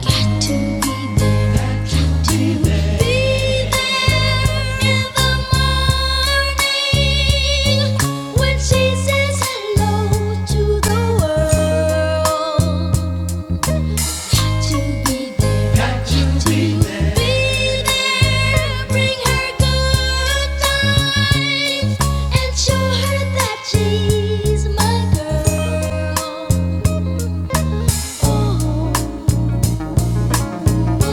Speaker 5: Got to be there, got to be there in the morning when she says hello to the world. Got to be there, got to be there. Bring her good times and show her that she's my girl. Oh. Beside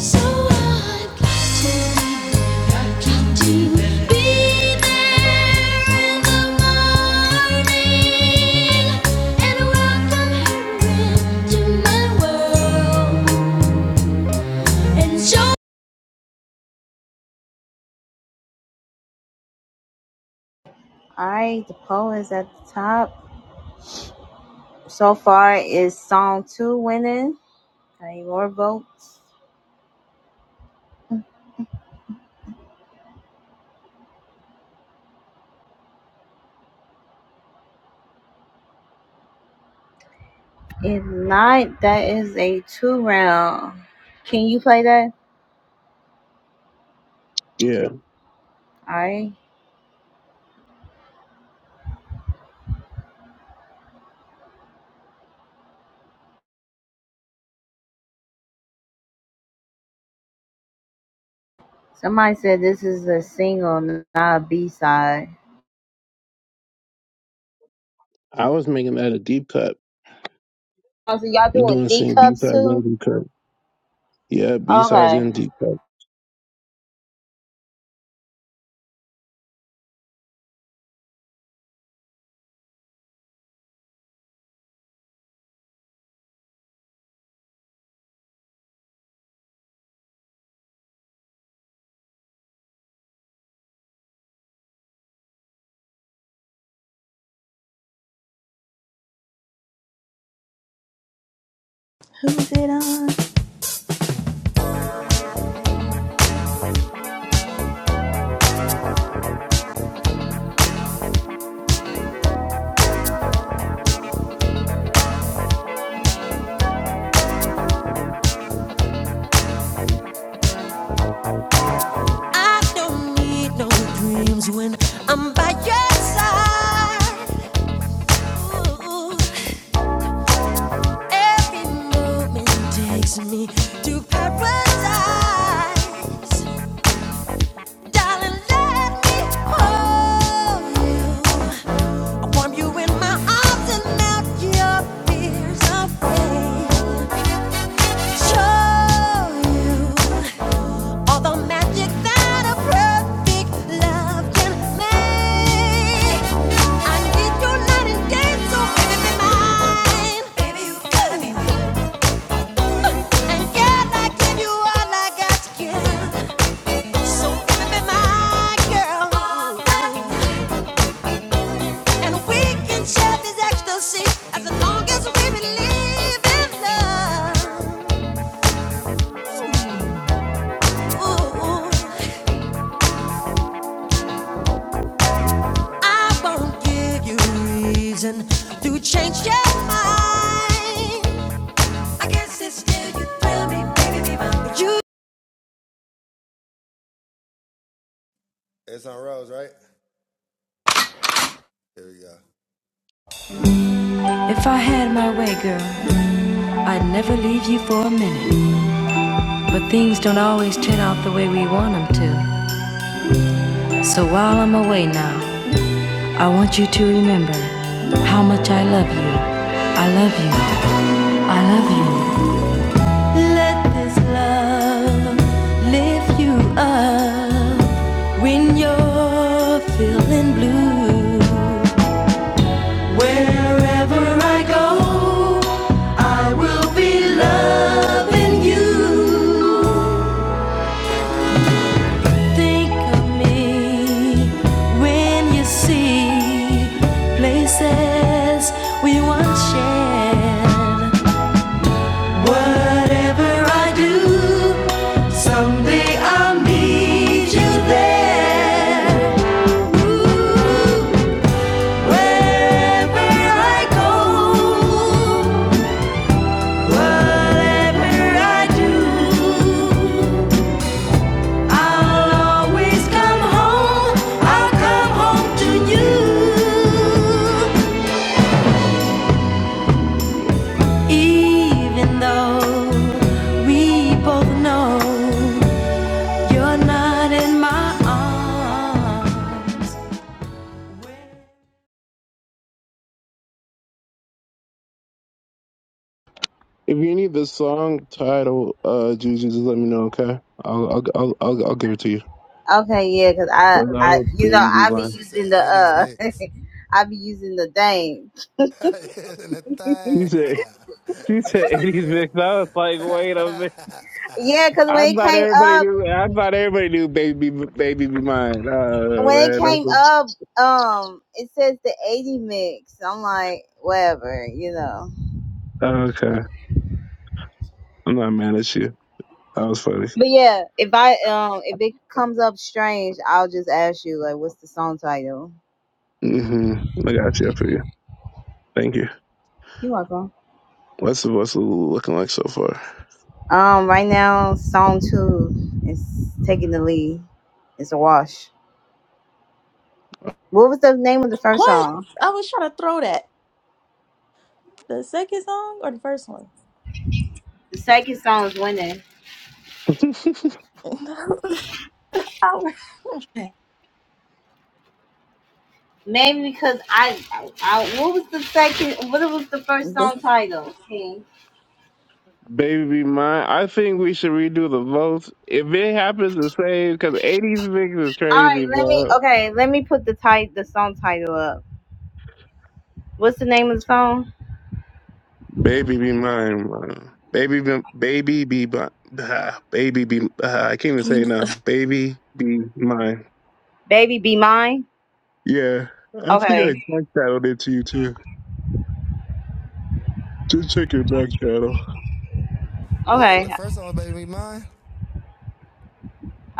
Speaker 5: So I'd like to, like to be there in the morning and welcome her into my world. And so
Speaker 4: All right, *laughs* the poll is at the top. So far, is song two winning? any more votes? If not, that is a two round. Can you play that?
Speaker 1: Yeah,
Speaker 4: Alright. Somebody said this is a single, not a B side.
Speaker 1: I was making that a deep cut.
Speaker 4: Oh, so y'all
Speaker 1: You
Speaker 4: doing
Speaker 1: doing
Speaker 4: D
Speaker 1: sing B
Speaker 4: cups
Speaker 1: sides and
Speaker 4: too?
Speaker 1: deep cut? Yeah, B sides
Speaker 4: Okay.
Speaker 1: and deep cut.
Speaker 2: Who is it on?
Speaker 5: I don't need no dreams when I'm by your side. every moment takes me to paradise. Darling, let me hold you. I warm you in my arms and melt your fears away. Show you all the magic that a perfect love can make. I need your night and day, so baby be mine. Baby, you gotta be mine. And girl, I give you all I got to give. So baby be my girl. And we can share this ecstasy as long as we believe in love. I won't give you reason to change your mind. I guess it's still, you thrill me, baby, be my. You
Speaker 6: If I had my way, girl, I'd never leave you for a minute. But things don't always turn out the way we want 'em to. So while I'm away now, I want you to remember how much I love you. I love you. I love you. If you think of me when you see faces we once shared, whatever I do, someday I'll meet you there. Ooh, wherever I go, whatever I do. I'll always come home. I'll come home to you.
Speaker 1: If you need the song title, uh, Juju, just let me know, okay? I'll I'll I'll I'll, I'll give it to you.
Speaker 4: Okay, yeah, cause I,
Speaker 1: That
Speaker 4: I,
Speaker 1: would
Speaker 4: you know,
Speaker 1: baby be
Speaker 4: I be
Speaker 1: mine.
Speaker 4: using the uh, *laughs* I be using the thing.
Speaker 1: She said she said eighties mix. I was like, wait a minute.
Speaker 4: Yeah, cause
Speaker 1: I
Speaker 4: when it
Speaker 1: thought
Speaker 4: came
Speaker 1: everybody
Speaker 4: up,
Speaker 1: knew. I thought everybody knew baby baby be mine. Oh
Speaker 4: when it
Speaker 1: man, that
Speaker 4: came
Speaker 1: was,
Speaker 4: up, um, it says the eighty mix. I'm like, whatever, you know.
Speaker 1: okay. I'm not mad at you. That was funny.
Speaker 4: But yeah, if I um if it comes up strange, I'll just ask you like, what's the song title?
Speaker 1: hmm I got you. I feel you. Thank you.
Speaker 4: You're welcome.
Speaker 1: What's the what's the looking like so far?
Speaker 4: Um, right now, song two is taking the lead. It's a wash. What was the name of the first
Speaker 2: What?
Speaker 4: song?
Speaker 2: I was trying to throw that. The second song or the first one?
Speaker 4: The second song is winning.
Speaker 1: *laughs*
Speaker 2: *laughs* I
Speaker 4: Maybe because I, I, I- what was the second? What was the first
Speaker 2: was-
Speaker 4: song title? Okay.
Speaker 1: Baby mine. I think we should redo the votes. If it happens the same, because 80s mix is
Speaker 4: All right,
Speaker 1: crazy,
Speaker 4: let me.
Speaker 1: bro.
Speaker 4: Okay, let me put the title, the song title up. What's the name of the song?
Speaker 1: Baby be mine, bro. Baby be, baby be, bi- ah, baby be, ah, I can't even say it now. Baby be mine.
Speaker 4: Baby, be mine.
Speaker 1: Yeah. I think I
Speaker 4: Okay.
Speaker 1: back channeled it to you too. Just check your back channel.
Speaker 4: Okay. All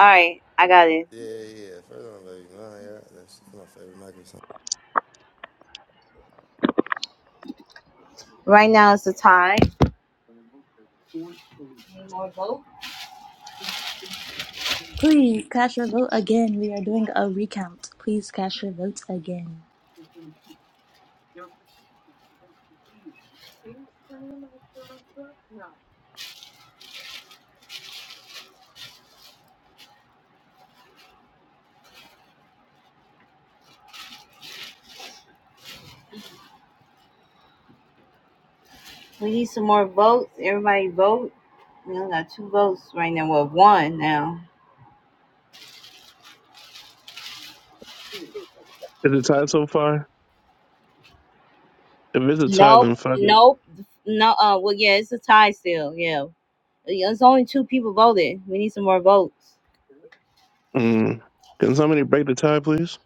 Speaker 4: right. I got it. Right now it's a tie.
Speaker 2: Please cast your vote again. We are doing a recount. Please cast your votes again.
Speaker 4: We need some more votes. Everybody vote. We only got two votes right now. Well, one now.
Speaker 1: Is it tied so far? If it's a tie,
Speaker 4: Nope.
Speaker 1: then fuck it.
Speaker 4: Nope. No. Uh. Well, yeah, it's a tie still. Yeah. It's only two people voted. We need some more votes.
Speaker 1: Mm. Can somebody break the tie, please?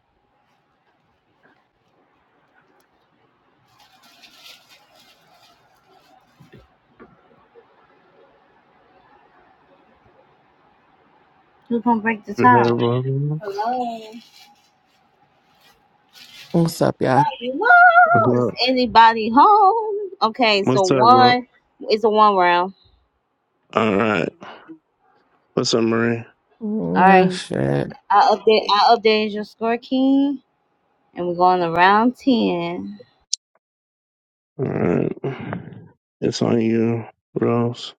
Speaker 4: Who's gonna break the
Speaker 1: Yeah,
Speaker 4: tie?
Speaker 1: bro.
Speaker 4: Hello.
Speaker 11: What's up, y'all?
Speaker 1: What's
Speaker 4: Hello. Is
Speaker 1: up?
Speaker 4: anybody home? Okay. So
Speaker 1: What's up, bro?
Speaker 4: one. It's a one round.
Speaker 1: All right. What's up, Marie?
Speaker 4: All
Speaker 11: Mm,
Speaker 4: right.
Speaker 11: shit.
Speaker 4: I update. I updated your score, King, and we're going to round ten.
Speaker 1: Alright. It's on you, Rose.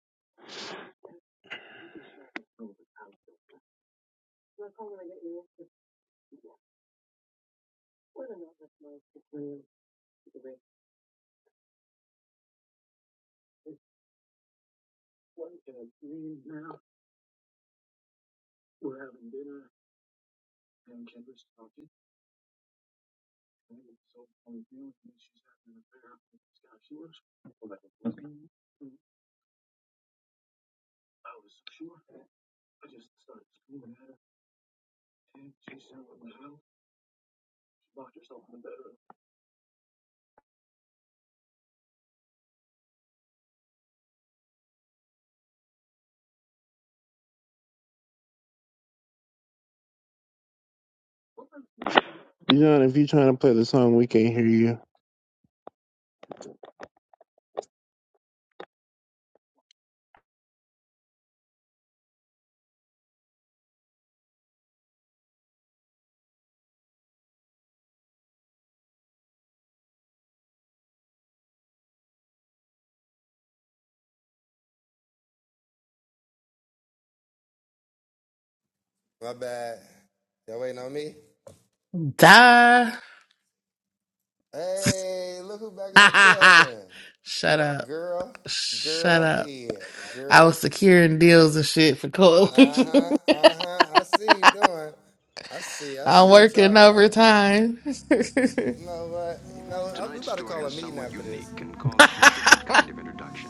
Speaker 1: You know, if you're trying to play the song, we can't hear you.
Speaker 11: Die. *laughs* Shut up. Shut up. I was securing deals and shit for coalition. *laughs* I'm working overtime. *laughs*
Speaker 6: calls for a different kind of introduction.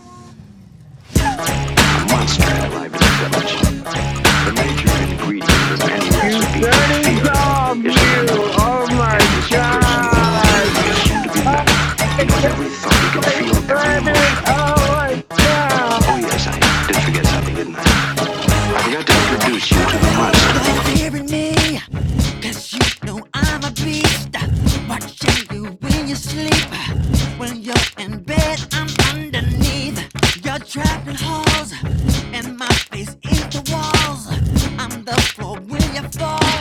Speaker 6: A monster alive in the village. The major ingredient of any
Speaker 1: You
Speaker 6: recipe for fear is the unknown. And this person will
Speaker 1: are
Speaker 6: certainly assume to be mad.
Speaker 1: always
Speaker 6: He knows
Speaker 1: going
Speaker 6: every thought, he can feel every
Speaker 1: ready
Speaker 6: emotion.
Speaker 1: like that.
Speaker 6: Oh yes, I did forget something, didn't I? I forgot to introduce Stop hearing me, you know I'm a beast. Watching you when you sleep. When you're in bed, I'm underneath. You're trapped in halls, and my face is the walls. I'm the floor when you fall,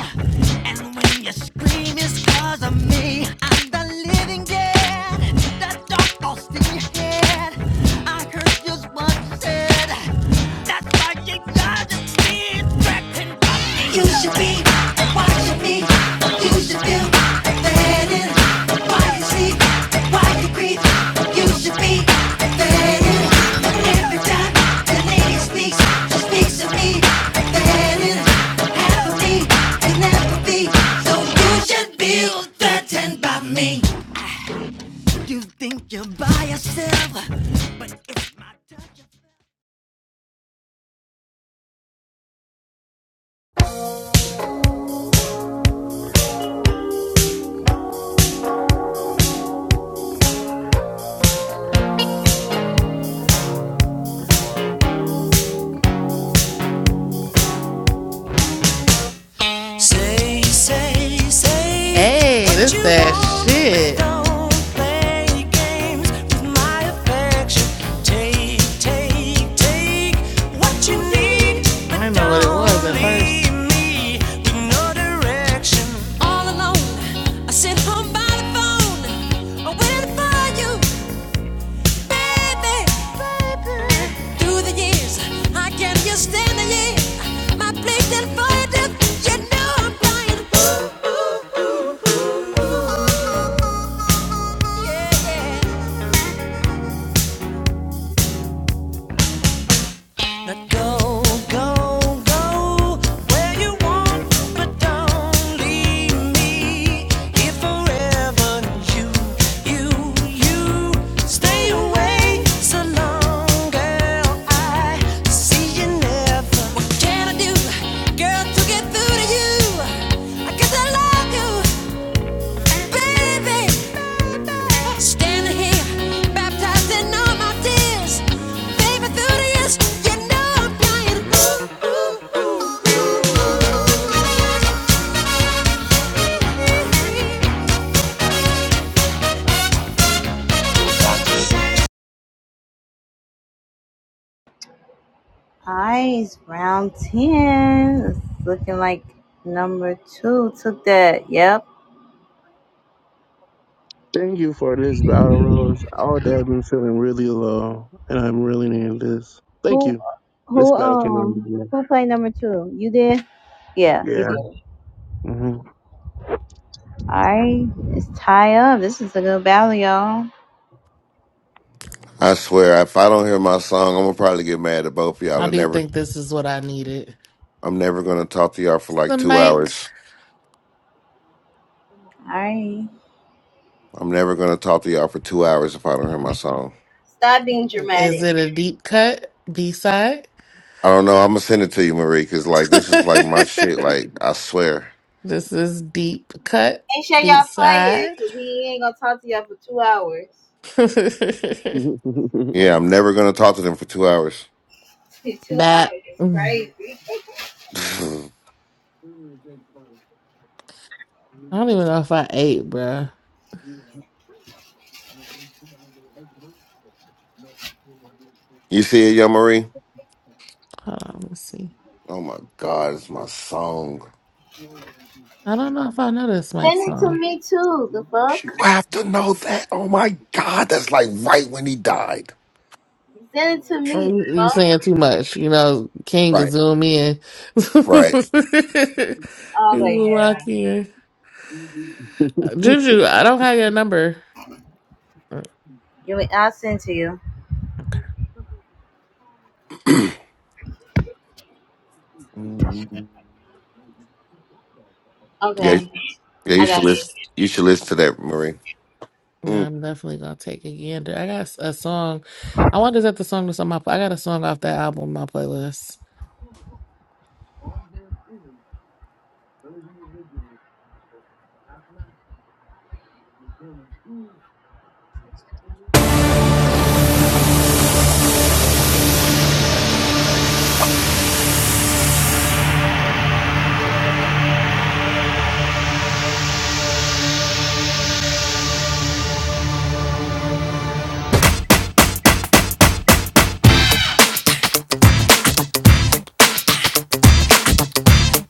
Speaker 6: and when you scream, it's of me. I'm the living dead running that dark Austin head. I heard just what said. That's why you gotta be directing You should be watching me. You should feel abandoned. Why you sleep? Why you creep? You should be abandoned. Every time the lady speaks, she speaks to me. Abandoned. Half of me can never be. So you should be threatened by me. You think you're by yourself? I
Speaker 5: Say, say, say
Speaker 11: hey,
Speaker 5: what
Speaker 11: this
Speaker 5: you
Speaker 11: that
Speaker 5: want, but
Speaker 11: shit.
Speaker 5: don't play games with my affection. Take, take, take what you need,
Speaker 11: I
Speaker 5: but
Speaker 11: didn't know what it was
Speaker 5: don't
Speaker 11: at first.
Speaker 5: leave me with no direction. All alone, I sit home by the phone, waiting for you baby. Through the years, I can just stand the year. My plate and void, you know I'm blind. Ooh, ooh, ooh. What can I do, girl, to get through to you? I guess I love you. Baby, standing here, baptized all my tears. Baby, through the years, you know I'm crying. ooh, ooh, ooh, ooh.
Speaker 4: Nice, round 10. It's looking like number two took that. Yep.
Speaker 1: Thank you for this battle, Rose. All day I've been feeling really low, and I'm really needing this. Thank
Speaker 4: Who,
Speaker 1: you. This
Speaker 4: who,
Speaker 1: battle came out of
Speaker 4: um,
Speaker 1: the
Speaker 4: who played number two? You did? Yeah, you did. All
Speaker 1: blue. Yeah.
Speaker 4: right. It's tie up. This is a good battle, y'all. All
Speaker 3: I swear, if I don't hear my song, I'm gonna probably get mad at both of y'all
Speaker 11: I
Speaker 3: and
Speaker 11: do
Speaker 3: never.
Speaker 11: think this is what I needed.
Speaker 3: I'm never gonna talk to y'all for like
Speaker 11: Some
Speaker 3: two
Speaker 11: mic.
Speaker 3: hours.
Speaker 4: right.
Speaker 3: I'm never gonna talk to y'all for two hours if I don't hear my song.
Speaker 4: Stop being
Speaker 11: Is
Speaker 4: dramatic.
Speaker 11: it a deep cut? B side?
Speaker 3: I don't know. I'm gonna send it to you, Marie, because like this
Speaker 11: *laughs*
Speaker 3: is like my shit. Like I swear.
Speaker 11: this is deep cut.
Speaker 4: Ain't sure
Speaker 11: B
Speaker 4: y'all play it
Speaker 11: side.
Speaker 4: because he ain't going to talk to y'all for two hours.
Speaker 11: *laughs*
Speaker 1: hmm *laughs*
Speaker 3: Yeah, I'm never gonna talk to them for two hours.
Speaker 4: *laughs* two
Speaker 11: Bat.
Speaker 4: hours is
Speaker 11: Mm.
Speaker 4: crazy.
Speaker 3: *laughs*
Speaker 11: I don't even know if I ate, bruh.
Speaker 3: you see it, Yo Marie?
Speaker 11: Hold on, let's see.
Speaker 3: Oh my god, it's my song.
Speaker 11: I don't know if I know this Mike
Speaker 4: Send it to
Speaker 11: song.
Speaker 4: me, too. The fuck?
Speaker 3: You have to know that. Oh my god, that's like right when he died.
Speaker 4: Send it to
Speaker 11: Oh,
Speaker 4: me. The
Speaker 11: You you
Speaker 4: fuck?
Speaker 11: saying too much. You know, King can
Speaker 3: Right,
Speaker 11: zoom in. *laughs*
Speaker 3: right.
Speaker 4: Oh,
Speaker 11: he
Speaker 4: but
Speaker 11: will
Speaker 4: yeah.
Speaker 11: rock in. Juju, I don't have your number.
Speaker 4: You, I'll send it to you.
Speaker 3: Mhm. Yeah,
Speaker 4: Okay.
Speaker 3: yeah. You
Speaker 4: I
Speaker 3: should
Speaker 4: got you.
Speaker 3: listen. You should listen to that, Marie.
Speaker 11: Yeah,
Speaker 3: Mm.
Speaker 11: I'm definitely gonna take a gander. I got a song. I wanted to set the song to some. I got a song off that album on my playlist.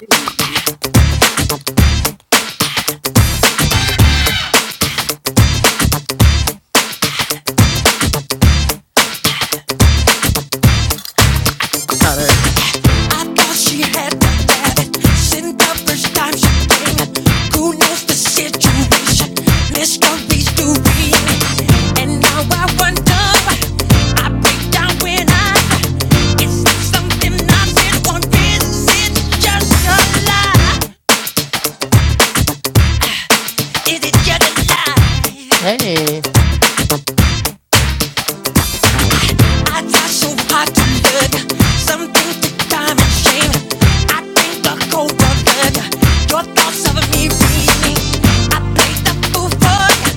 Speaker 4: Mhm.
Speaker 11: Oh, there
Speaker 5: I thought she had the habit. Since the first time she came, who knows the situation? Mysteries do remain. And now I wonder, I break down when I. Is it something I'm or is it just a lie? Is it just a lie?
Speaker 11: you
Speaker 5: I try so hard to look. Some things take time and shame. I think the cold blood. Your thoughts of me really. I play the fool for ya.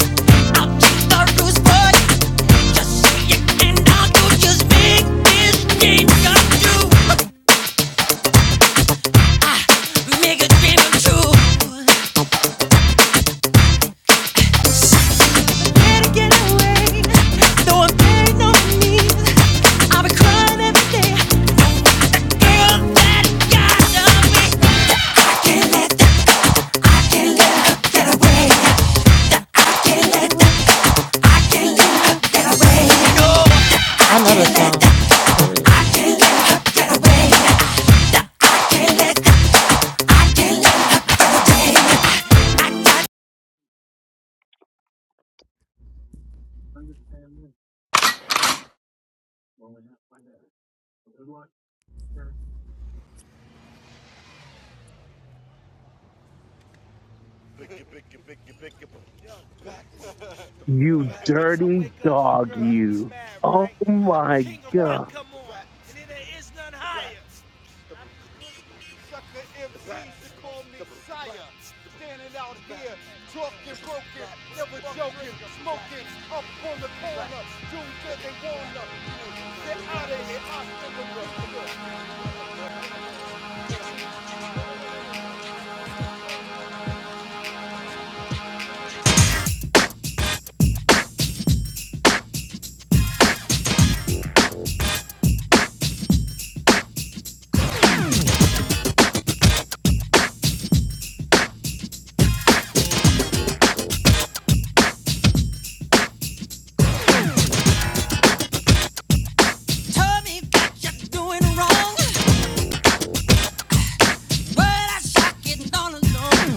Speaker 5: I'll take the rules for ya. Just say it and I'll do. Just make this dream come true. Ah, make a dream come
Speaker 11: go. Hey. I know the song. Wait.
Speaker 1: You dirty
Speaker 6: wake up, my
Speaker 1: dog,
Speaker 6: girl right. get me
Speaker 1: you.
Speaker 6: mad,
Speaker 1: Oh
Speaker 6: right? Right.
Speaker 1: my
Speaker 6: King of rock
Speaker 1: god.
Speaker 6: come on, right. and then there is none higher. Right. Sucker MCs to call me sire. Right. Standing out here, talking broken, never joking, smoking, up on the corner, doing good they wanna. Get out of here, I still the world. Tell me what you're doing wrong. But I suck it all alone.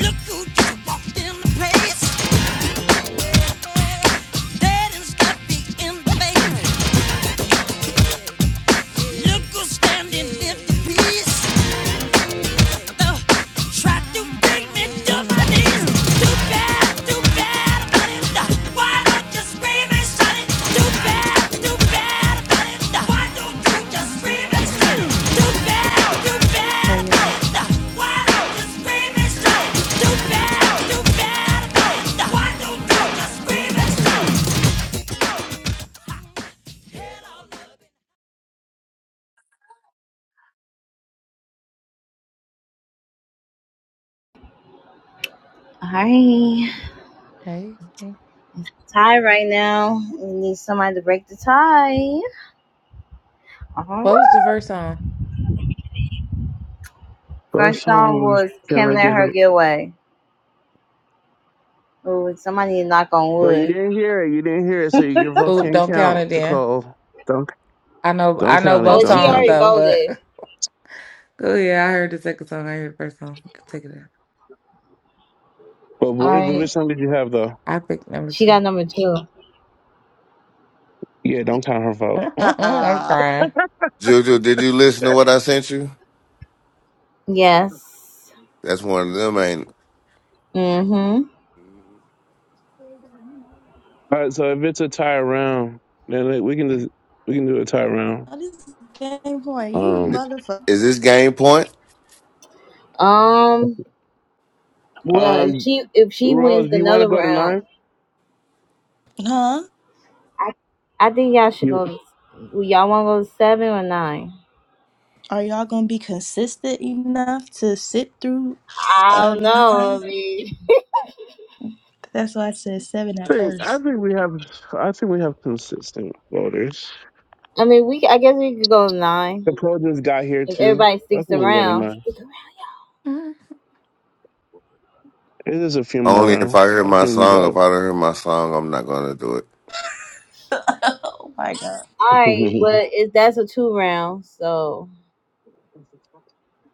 Speaker 6: Look who just walked in place. Dead and stuffy in the face. Too bad, too bad, why don't you just scream and shout?
Speaker 12: Hey yeah.
Speaker 4: All right.
Speaker 12: Hey. hey.
Speaker 4: Tie right now. We need somebody to break the tie. Uh-huh.
Speaker 12: What was the first song?
Speaker 1: First
Speaker 4: First
Speaker 1: song
Speaker 4: song
Speaker 1: was
Speaker 4: was
Speaker 1: "Can
Speaker 4: Can't
Speaker 1: I
Speaker 4: Let
Speaker 1: Get
Speaker 4: Her
Speaker 1: a?
Speaker 4: Get Away. Ooh, somebody need to knock on
Speaker 1: But you
Speaker 4: wood.
Speaker 1: didn't hear it. You didn't hear it, so your vote
Speaker 12: Oop,
Speaker 1: can't
Speaker 12: don't count
Speaker 1: count,
Speaker 12: it then.
Speaker 1: Nicole. Don't
Speaker 12: I know I
Speaker 1: don't
Speaker 12: know
Speaker 1: count it.
Speaker 4: Oh,
Speaker 12: both
Speaker 1: Don't
Speaker 4: she
Speaker 12: songs
Speaker 1: count
Speaker 4: already
Speaker 1: it.
Speaker 12: though, but
Speaker 4: voted.
Speaker 12: *laughs* oh yeah, I heard the second song. I heard the first song. You can Take it out.
Speaker 1: But
Speaker 4: All
Speaker 1: boy,
Speaker 4: right.
Speaker 1: which one did you have though?
Speaker 12: I picked number
Speaker 4: She
Speaker 12: two.
Speaker 4: got number two.
Speaker 1: Yeah, don't count her
Speaker 12: *laughs*
Speaker 1: vote.
Speaker 12: I'm
Speaker 2: Uh-uh.
Speaker 12: crying.
Speaker 3: Juju, did you listen to what I sent you?
Speaker 4: Yes.
Speaker 3: That's one of them. Ain't
Speaker 4: Mm-hmm.
Speaker 1: All right, so if it's a tie round, then like, we can just we can do a tie round.
Speaker 2: This Game Boy, you
Speaker 1: Um,
Speaker 3: it?
Speaker 2: motherfucker.
Speaker 3: is this game point?
Speaker 4: Um, Well, if
Speaker 1: um,
Speaker 4: she if she wins
Speaker 1: Rose, do you want to
Speaker 4: another
Speaker 1: go to
Speaker 4: round,
Speaker 1: nine?
Speaker 2: Huh?
Speaker 4: I I think y'all should
Speaker 1: You
Speaker 4: go. Y'all want to go to seven or nine?
Speaker 2: Are y'all gonna be consistent enough to sit through
Speaker 4: I
Speaker 2: uh
Speaker 4: don't know. I
Speaker 2: nine?
Speaker 4: mean,
Speaker 2: That's why I said seven at
Speaker 1: think? I
Speaker 2: first. *laughs*
Speaker 1: think we have. I think we have consistent voters.
Speaker 4: I mean, we. I guess we could go to nine.
Speaker 1: The pro just got here
Speaker 4: if
Speaker 1: too.
Speaker 4: everybody
Speaker 1: I think
Speaker 4: sticks
Speaker 1: we go to
Speaker 4: around.
Speaker 1: nine.
Speaker 12: Mhm.
Speaker 1: It is a few more
Speaker 3: Only if I
Speaker 1: rounds.
Speaker 3: hear
Speaker 1: I
Speaker 3: my
Speaker 1: think we
Speaker 3: song.
Speaker 1: got
Speaker 3: If
Speaker 1: it.
Speaker 3: I don't hear my song, I'm not gonna do it.
Speaker 2: Oh my god.
Speaker 4: All
Speaker 1: *laughs*
Speaker 4: right, well,
Speaker 1: well,
Speaker 4: it, that's a two round. So,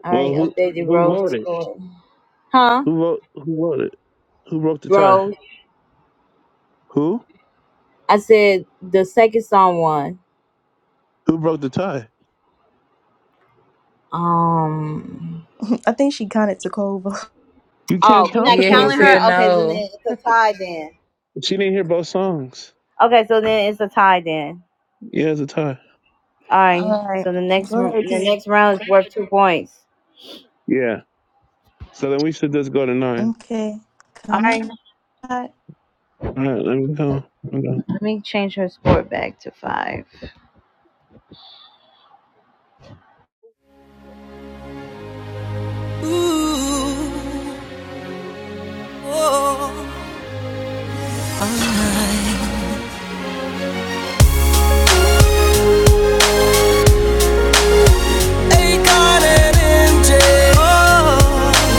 Speaker 4: all right,
Speaker 1: who
Speaker 4: updated
Speaker 1: who
Speaker 4: Rose
Speaker 1: voted?
Speaker 4: score. Huh?
Speaker 1: Who vote? Who voted? Who broke the tie?
Speaker 4: Rose.
Speaker 1: Who?
Speaker 4: I said the second song won.
Speaker 1: Who broke the tie?
Speaker 4: Um.
Speaker 2: *laughs* I think she kinda took over.
Speaker 1: You
Speaker 4: Oh,
Speaker 1: can't
Speaker 4: we're
Speaker 1: count
Speaker 4: not
Speaker 1: the
Speaker 12: Yeah, he
Speaker 1: calls.
Speaker 4: counting
Speaker 1: She
Speaker 4: her.
Speaker 1: didn't,
Speaker 12: said
Speaker 4: Okay, so then
Speaker 12: no.
Speaker 4: it's a tie then.
Speaker 1: she didn't hear both songs.
Speaker 4: Okay, so then it's a tie then.
Speaker 1: Yeah, it's a tie.
Speaker 4: All right.
Speaker 2: Alright.
Speaker 4: So the next
Speaker 2: Go
Speaker 4: r-
Speaker 2: ahead,
Speaker 4: the
Speaker 2: King.
Speaker 4: next round is worth two points.
Speaker 1: Yeah. So then we should just go to nine.
Speaker 2: Okay.
Speaker 4: All
Speaker 2: Come
Speaker 4: right.
Speaker 2: on. Yeah,
Speaker 1: All right, let me go. Let me go.
Speaker 4: Let me change her score back to five.
Speaker 5: true. oh. Hey, got it in jail. Oh,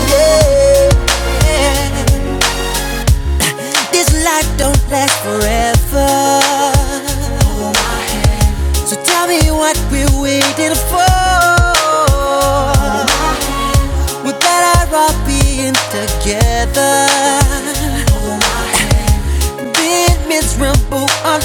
Speaker 5: yeah. yeah. This life don't last forever. So tell me what we're waiting for. We better all being together. been miserable alone.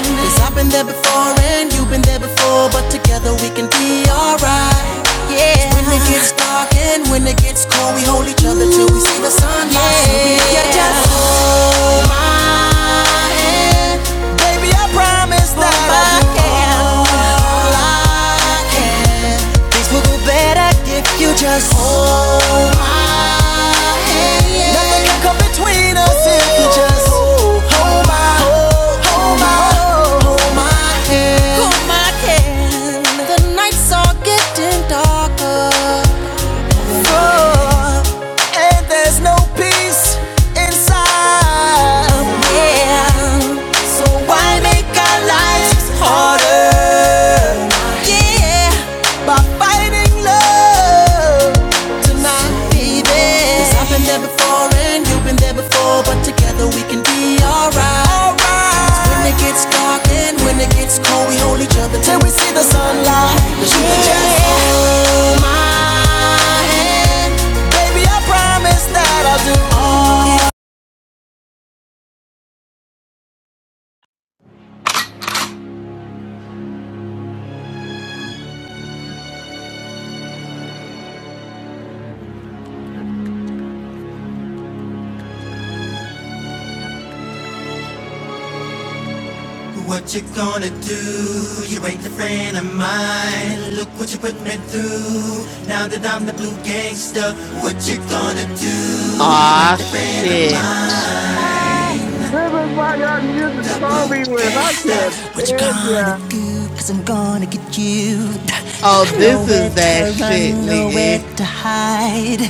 Speaker 5: Cause I've been there before and you've been there before, but together we can be alright. Yeah. When it gets dark and when it gets cold, we hold each other till we see the sun. Yeah. yeah. yeah. Just hold my hand. Baby, I promise that just hold my hand. Nothing can come between us if you just hold my, hold my, hold my hand. Hold my hand. The nights are getting darker. Oh, and there's no peace inside. Yeah. So why make our lives harder? Yeah, by fighting love tonight, baby. 'Cause I've been there before and you've been there before, but together we can be alright. Alright. When it gets dark and when it gets cold, we hold each other till we see the sunlight. 'Cause you can just hold my hand, baby. I promise that I'll do all
Speaker 6: What you gonna do? You ain't a friend of mine. Look what you put me through. Now that I'm the blue gangster, what you gonna do? You
Speaker 11: Aw,
Speaker 6: ain't a friend of mine.
Speaker 11: shit.
Speaker 1: This is why y'all music throw me with. I can't
Speaker 6: What you
Speaker 1: end
Speaker 6: gonna
Speaker 1: ya.
Speaker 6: do? i I'm gonna get you.
Speaker 11: Oh, this
Speaker 6: Nowhere
Speaker 11: is that
Speaker 6: to
Speaker 11: shit,
Speaker 6: run, nowhere
Speaker 11: nigga.
Speaker 6: to hide.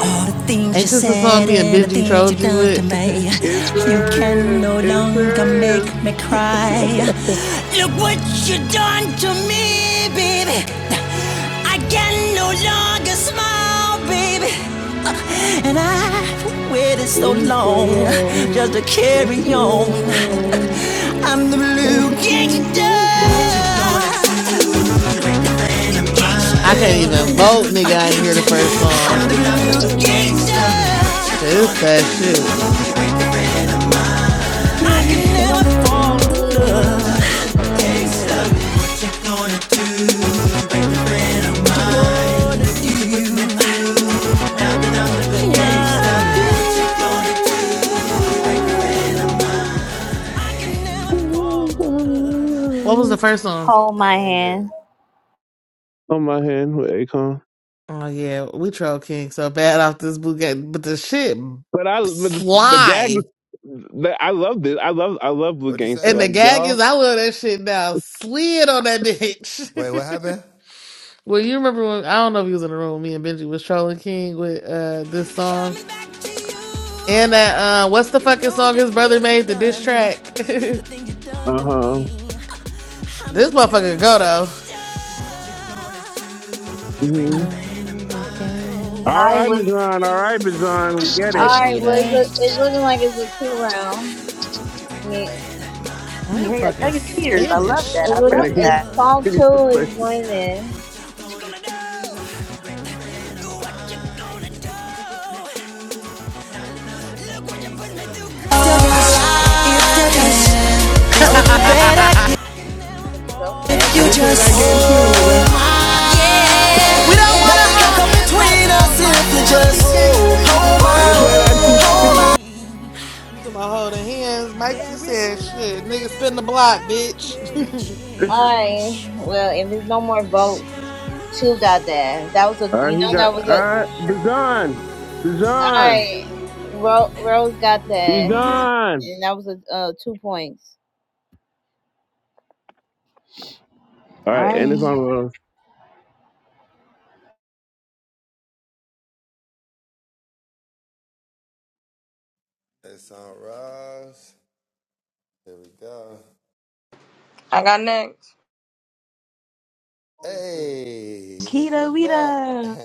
Speaker 6: All the things you
Speaker 11: Ain't this the song
Speaker 6: said
Speaker 11: me and
Speaker 6: and the
Speaker 11: Benji
Speaker 6: things
Speaker 11: trolled
Speaker 6: you've
Speaker 11: you
Speaker 6: done to
Speaker 11: with?
Speaker 6: me.
Speaker 11: *laughs*
Speaker 6: You can no longer make me cry. Look what you done to me, baby. I can no longer smile, baby. And I've waited so
Speaker 1: It's the
Speaker 6: long just
Speaker 1: road.
Speaker 6: to
Speaker 1: It's the
Speaker 6: carry on.
Speaker 1: road.
Speaker 6: I'm the
Speaker 1: It's
Speaker 6: blue
Speaker 1: the
Speaker 6: gangster.
Speaker 1: road.
Speaker 11: I can't even vote, nigga. I ain't hear the first song.
Speaker 6: I'm the blue gangster.
Speaker 11: This that shit.
Speaker 6: I
Speaker 1: Never
Speaker 6: can never fall in
Speaker 1: fall
Speaker 6: love.
Speaker 1: in love.
Speaker 11: What was the
Speaker 1: on
Speaker 11: first song?
Speaker 4: Hold my hand.
Speaker 1: my hand with Akon.
Speaker 11: Oh yeah, we troll King so bad off this boot but the shit
Speaker 1: But I, but the, the gag,
Speaker 11: slide.
Speaker 1: the, I love this. I love, I love Blue Gangster.
Speaker 11: And the
Speaker 1: Like
Speaker 11: gag is,
Speaker 1: y'all,
Speaker 11: I love that shit now. Slid on that bitch. *laughs* Well, you remember when I don't know if he was in the room. Me and Benji was trolling King with uh this song
Speaker 6: Coming back to
Speaker 11: and
Speaker 6: you.
Speaker 11: that uh what's the
Speaker 6: You
Speaker 11: fucking
Speaker 6: know
Speaker 11: song
Speaker 6: just
Speaker 11: his brother
Speaker 6: what I've
Speaker 11: made the diss
Speaker 6: done.
Speaker 11: track. *laughs*
Speaker 6: The
Speaker 11: this
Speaker 6: thing you've done
Speaker 1: uh
Speaker 6: to
Speaker 1: huh.
Speaker 6: me.
Speaker 11: motherfucker go though.
Speaker 1: Mm-hmm.
Speaker 11: No, we can.
Speaker 1: All
Speaker 4: I
Speaker 1: right,
Speaker 4: was.
Speaker 1: Bajon. All right, Bajon. We get it.
Speaker 4: All right. Well, it's, a,
Speaker 11: Aikida.
Speaker 4: it's looking like it's a two round. Me,
Speaker 11: I'm
Speaker 2: yeah,
Speaker 11: fucking
Speaker 2: young is ears. I love that.
Speaker 11: Spanished.
Speaker 4: it
Speaker 2: I
Speaker 1: And it
Speaker 4: was
Speaker 2: love
Speaker 4: and
Speaker 2: that.
Speaker 4: song
Speaker 1: needs to
Speaker 4: two
Speaker 1: play.
Speaker 4: is winning.
Speaker 6: Don't it go? You
Speaker 5: I can.
Speaker 11: *laughs* we don't
Speaker 4: So
Speaker 5: We'll do
Speaker 4: petty.
Speaker 5: better
Speaker 6: can never
Speaker 4: *laughs* so
Speaker 6: fall
Speaker 4: petty.
Speaker 5: if
Speaker 6: in
Speaker 1: I
Speaker 5: you
Speaker 1: can play
Speaker 5: Just
Speaker 1: that
Speaker 6: love.
Speaker 1: game too, nigga.
Speaker 5: hold
Speaker 6: See,
Speaker 5: my
Speaker 6: I
Speaker 5: hand.
Speaker 6: am so
Speaker 11: want to
Speaker 5: Nothing can
Speaker 11: hold
Speaker 5: come
Speaker 11: hands
Speaker 6: amused to
Speaker 11: right
Speaker 6: the
Speaker 5: between us
Speaker 11: now,
Speaker 6: things you
Speaker 5: if
Speaker 11: Mike.
Speaker 5: you
Speaker 11: We want to
Speaker 5: just
Speaker 6: said
Speaker 11: be gangsters.
Speaker 5: hold
Speaker 6: and
Speaker 5: my
Speaker 6: the
Speaker 1: I
Speaker 5: hand.
Speaker 1: can play
Speaker 6: things you
Speaker 1: that
Speaker 6: done
Speaker 1: too.
Speaker 6: done to me.
Speaker 11: You talking about holding hands, Mike? You
Speaker 6: There is
Speaker 11: said shit,
Speaker 6: nothing in
Speaker 11: nigga,
Speaker 6: this
Speaker 11: spin the block,
Speaker 6: world that
Speaker 11: bitch.
Speaker 6: made me
Speaker 11: *laughs*
Speaker 6: change.
Speaker 4: Alright. Well, if there's no more
Speaker 6: He
Speaker 4: vote,
Speaker 6: got
Speaker 4: two got that. That was a
Speaker 1: *laughs* All right,
Speaker 4: you
Speaker 1: he
Speaker 4: know
Speaker 1: got.
Speaker 4: that was
Speaker 1: All
Speaker 4: a
Speaker 1: right, Bajon.
Speaker 4: alright.
Speaker 1: Bajon.
Speaker 4: Ro- Rose got
Speaker 1: He's
Speaker 4: that. And that was a uh, two points.
Speaker 1: All right, and
Speaker 4: Alright.
Speaker 1: it's on. Rose.
Speaker 13: I got next.
Speaker 2: Kita Wita.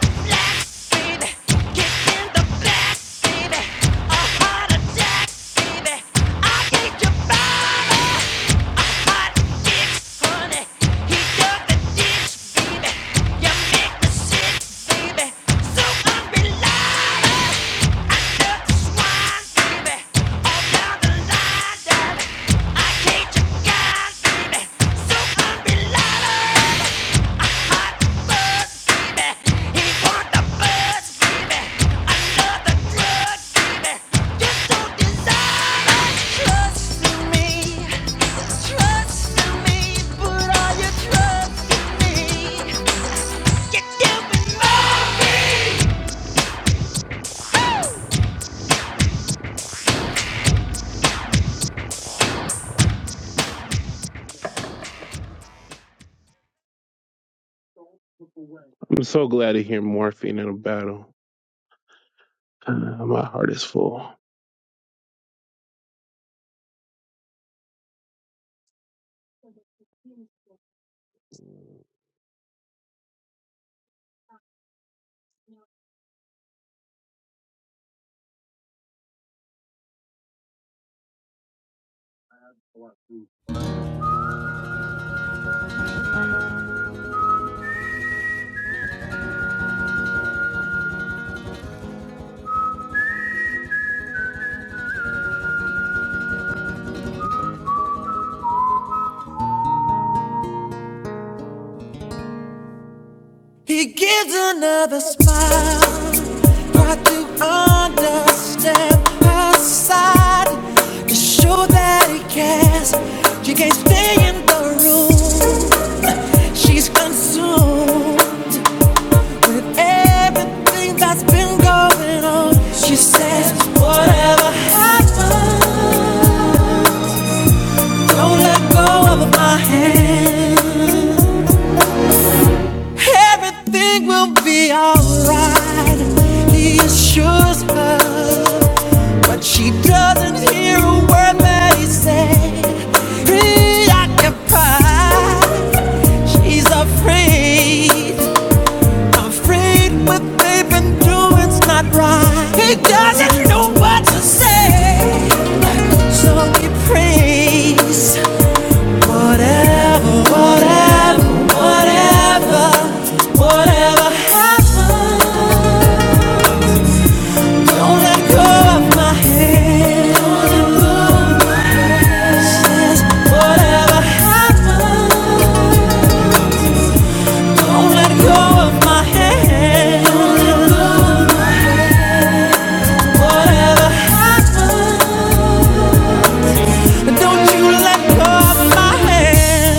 Speaker 6: blasted, kicked in the blasted, a heart attack, baby. I gave your body kicks, honey. He dug the ditch, baby. You make me sick, baby. So unreliable. Trust me, trust me, put all your trust in me. You do me wrong,
Speaker 1: I'm so glad to hear morphine in a battle. Uh, my heart is full.
Speaker 5: He gives another smile. Try to understand her side to show that he cares. She can't stay in the room. She's consumed with everything that's been going on. She says, Whatever happens, don't let go of my hand. Everything will be alright. He assures her, but she doesn't hear a word that he says. Preoccupied, she's afraid, afraid what they've been doing's not right. He doesn't know what to say, so he prays. Whatever, whatever, whatever, whatever happens, don't let go of my hand. Says, whatever happens, don't let go of my hand. Whatever happens, but don't you let go of my hand.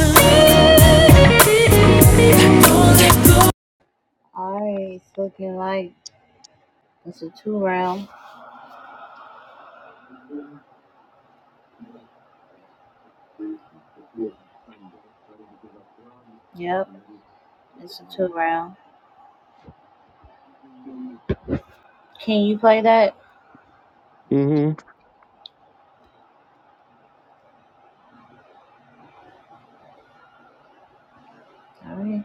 Speaker 4: Alright, it's looking like it's a two round. Yep, it's a two round. Can you play that?
Speaker 1: Mm-hmm.
Speaker 4: Alright.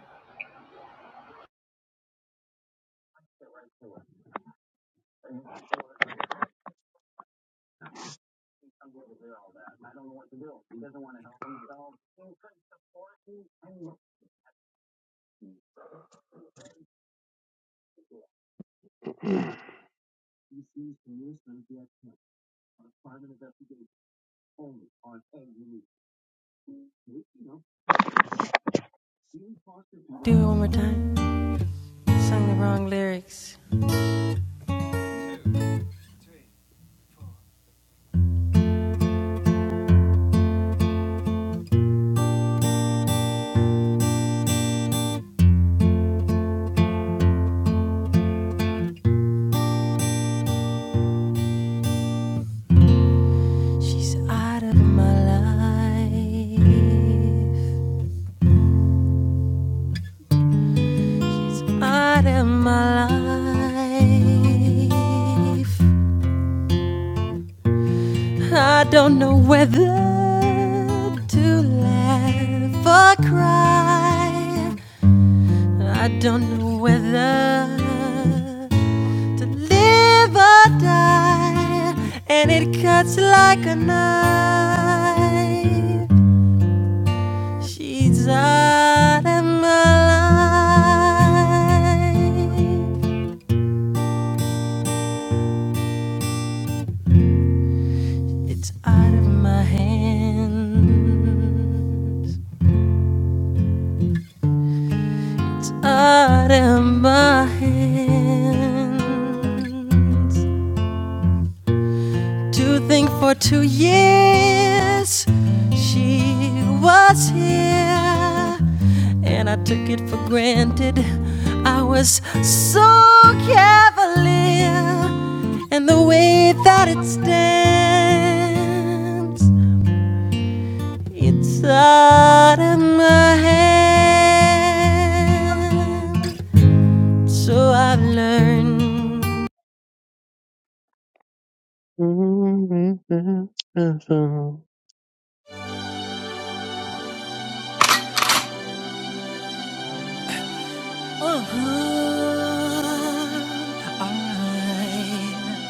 Speaker 5: She's out of my life. She's out of my life. I don't know whether to laugh or cry. I don't know whether to live or die. And it cuts like a knife. She's out of my life. It's out of my hands. It's out of my hands. To think for two years she was here, and I took it for granted. I was so cavalier, and the way that it stands, it's out of my hand. So I've learned.
Speaker 1: Rose,
Speaker 6: Uh-huh. Alright.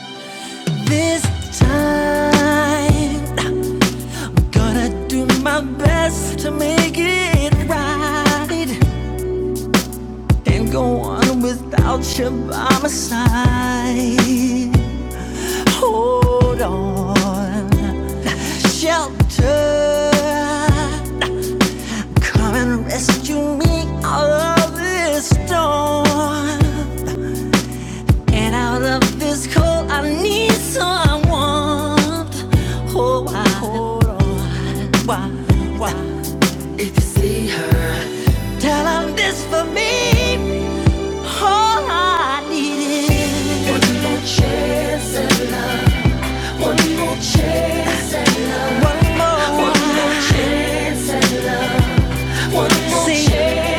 Speaker 6: This time, I'm gonna do my best to make it right and go on without you by my side. Hold on, shelter. Come and rescue me out of this storm. And out of this cold, I need some warmth. Hold on, hold Why, why? If you see her, Tell her this for me. All I need is one more chance, one more chance, and is one more, one more chance.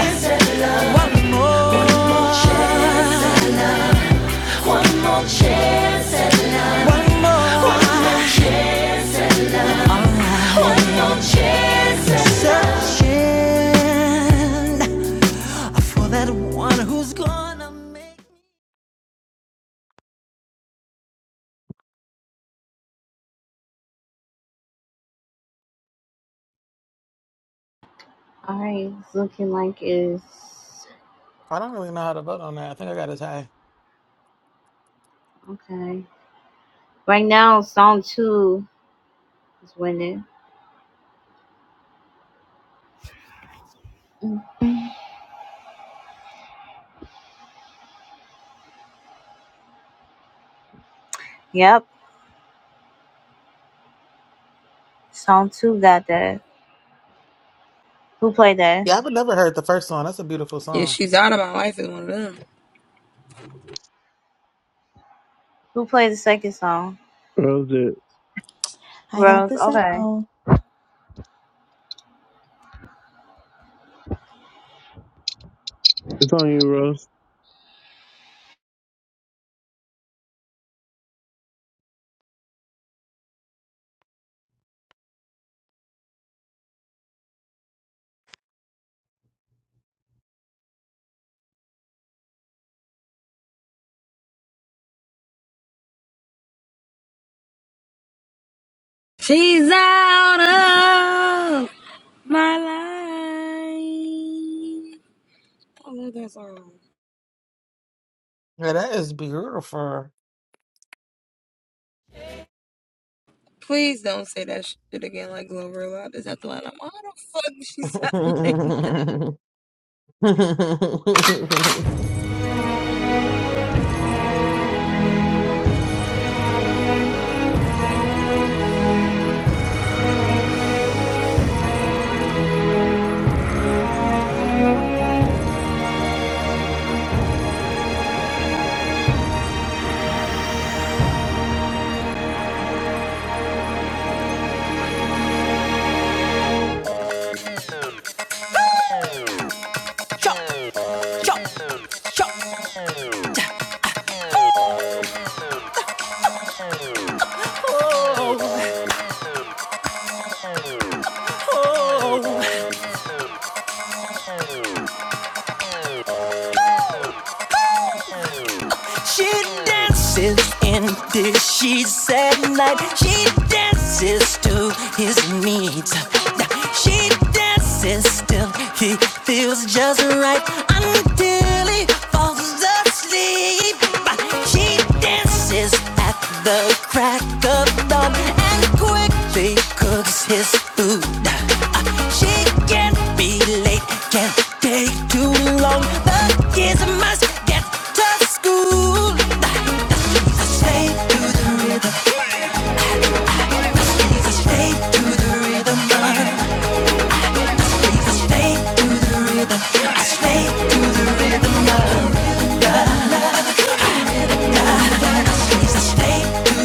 Speaker 6: for that one who's gonna make.
Speaker 4: Alright, it's looking like it's
Speaker 11: I don't really know how to vote on that. I think I got a tie.
Speaker 4: okay. Right now, song two is winning. Mm. Yep. Song two got that. Who played that?
Speaker 11: Yeah, I've never heard the first song. That's a beautiful
Speaker 13: Yeah,
Speaker 11: song.
Speaker 13: she's out of my life is one of them.
Speaker 4: Who played the second song?
Speaker 1: it.
Speaker 2: I got
Speaker 4: Rose.
Speaker 2: the
Speaker 4: Okay.
Speaker 2: second.
Speaker 1: It's on you, Rose.
Speaker 13: She's out of my life. I love that song.
Speaker 11: Yeah, that is beautiful.
Speaker 13: Please don't say that shit again like Glover a lot. Is that the line? I'm like, how the fuck did she sound *laughs* like that?
Speaker 11: *laughs*
Speaker 6: She dances in the sheets at night. She dances to his needs. She dances till he feels just right until he falls asleep. She dances dances at the crack of dawn and quickly cooks his food. Uh, She can't be late, can't take too long. The kids must get to school. I Stay to the rhythm. I Stay to the rhythm. I Stay to the rhythm. I stay to the rhythm. I stay. If the rhythm.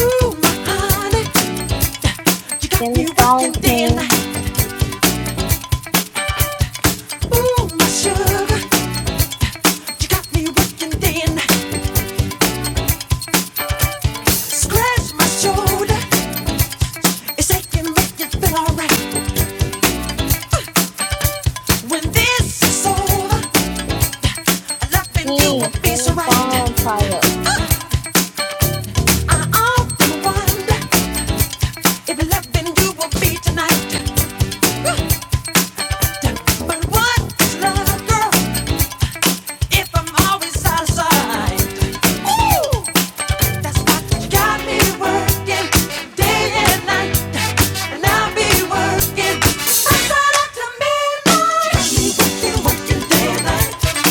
Speaker 5: Ooh, honey, you got
Speaker 4: Sing the
Speaker 5: me working
Speaker 4: song,
Speaker 5: day and night.
Speaker 4: King. King, sing the song title.
Speaker 5: But what is love, girl, if I'm always out of sight? Ooh! That's what got me working day and night. And I'll be working from sun midnight. You got me working, working day and night.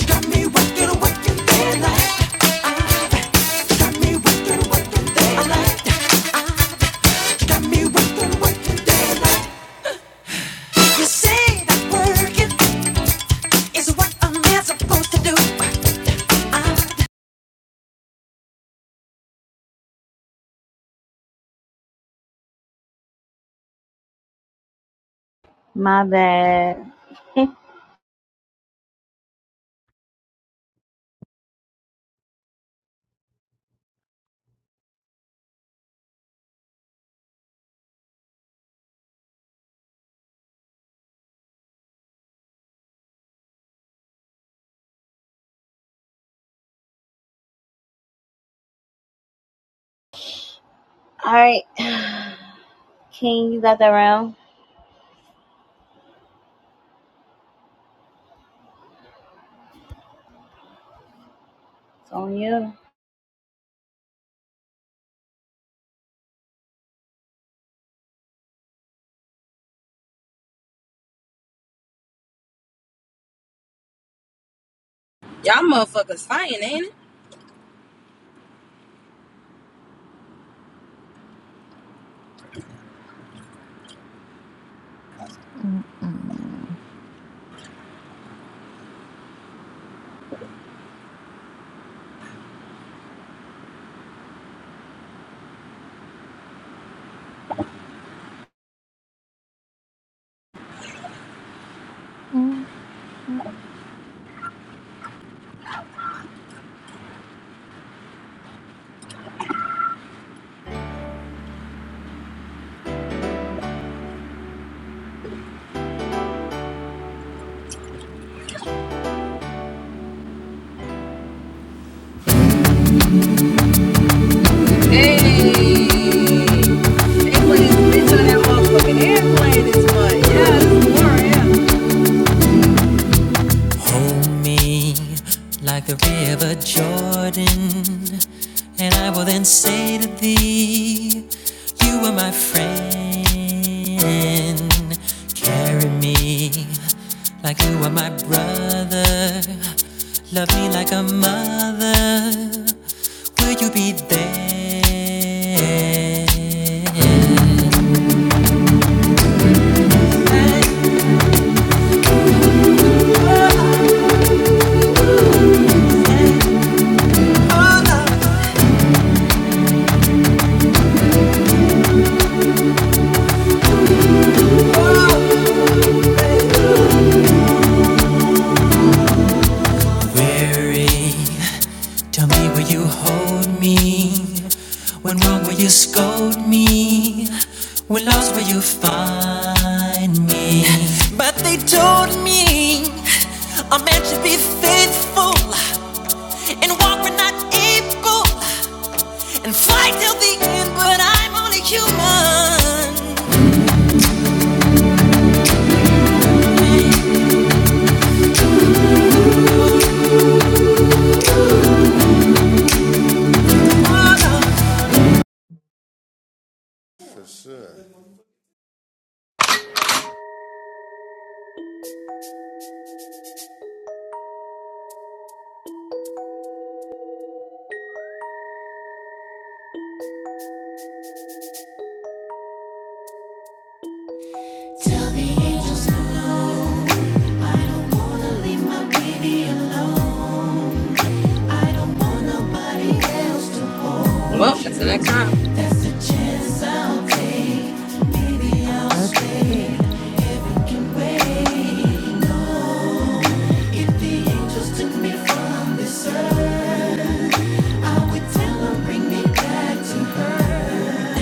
Speaker 5: You got me working, working day and night. You got me working, working day and night. You got me working, working day and night. You say that working is what a man's supposed to do. Uh,
Speaker 4: My bad. *laughs* All right. *sighs* King, you got that round. It's on you.
Speaker 13: Y'all motherfuckers fighting, ain't it? Hey. They play this bitch on that motherfucking airplane this month. Yeah, this the one right here.
Speaker 5: Hold me like the river Jordan, and I will then say to thee, You are my friend. Carry me like you are my brother. Love me like a mother. Will you be there? Weary Tell me will you hold me? When wrong will you scold me? When lost will you find me? But they told me a man should be faithful and walk when not able and fight till the end. But I'm only human.
Speaker 13: Well, that's the next round.
Speaker 12: That's the shit.
Speaker 6: Keep the angels took me from this earth. I would tell her, bring me back to her.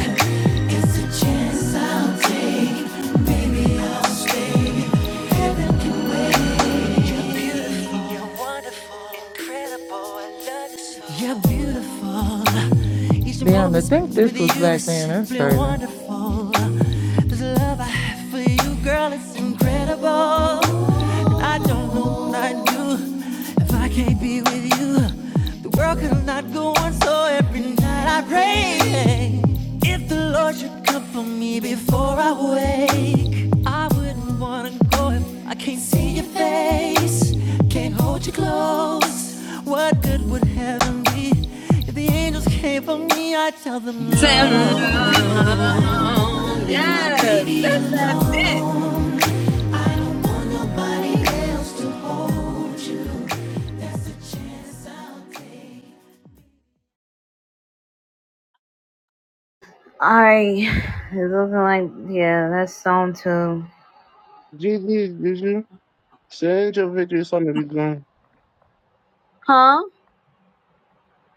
Speaker 6: It's a chance I'll take. Baby, I'll stay. You're wonderful, incredible. I love you so. You're beautiful. Each
Speaker 12: Damn, to
Speaker 6: moment
Speaker 12: think
Speaker 6: spent with
Speaker 12: this was
Speaker 6: you
Speaker 12: back
Speaker 6: is
Speaker 12: then. That's
Speaker 6: simply
Speaker 12: crazy.
Speaker 6: wonderful. This love I have for you, girl, it's incredible. I don't know what I'd do if I can't be with you. The world could not go on so. Every night I pray if the Lord should come for me before I wake. I wouldn't wanna go if I can't see your face, can't hold you close. What good would heaven be if the angels came for me? I tell them no.
Speaker 13: Send
Speaker 6: no. I don't wanna leave my
Speaker 13: Yes, that's that bitch.
Speaker 4: All right. It's looking like yeah, that's song two.
Speaker 1: GG, did you? Send your victory song to be gone.
Speaker 4: Huh?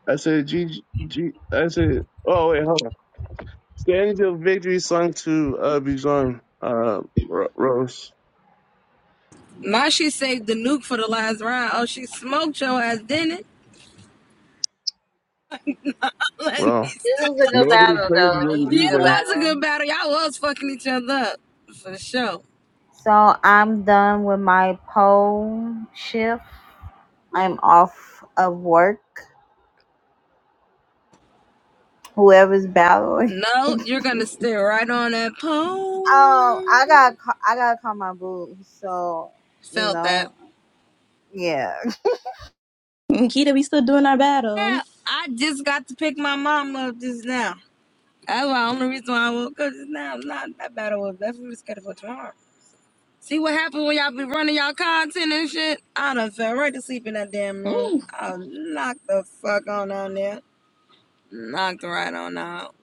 Speaker 1: I said, GG, G, I said, oh, wait, hold on. Send your victory song to uh, be gone, uh, Ro- Rose.
Speaker 13: My shit saved the nuke for the last round. Oh, she smoked your ass, didn't it? *laughs* Let me
Speaker 1: Well,
Speaker 13: see.
Speaker 4: This was a good
Speaker 1: nobody
Speaker 4: battle
Speaker 1: plays
Speaker 4: though. This
Speaker 1: really
Speaker 4: was
Speaker 13: Yeah,
Speaker 4: a
Speaker 13: it
Speaker 4: good
Speaker 1: either.
Speaker 13: was a
Speaker 4: battle.
Speaker 13: good battle. Y'all was fucking each other up. For sure.
Speaker 4: So I'm done with my poll shift. I'm off of work. Whoever's battling. *laughs*
Speaker 13: No, you're gonna stay right on that
Speaker 4: Oh,
Speaker 13: pole.
Speaker 4: I got I gotta call my boo. So you
Speaker 13: Felt that.
Speaker 4: know, yeah.
Speaker 2: Kita, we still doing our battle.
Speaker 13: Yeah, I just got to pick my mom up just now. That's the only reason why I woke up just now. Not that battle was definitely scheduled for tomorrow. See what happened when y'all be running y'all content and shit? I done fell right to sleep in that damn room.
Speaker 2: Mm,
Speaker 13: I was knocked the fuck on down there. Knocked right on out.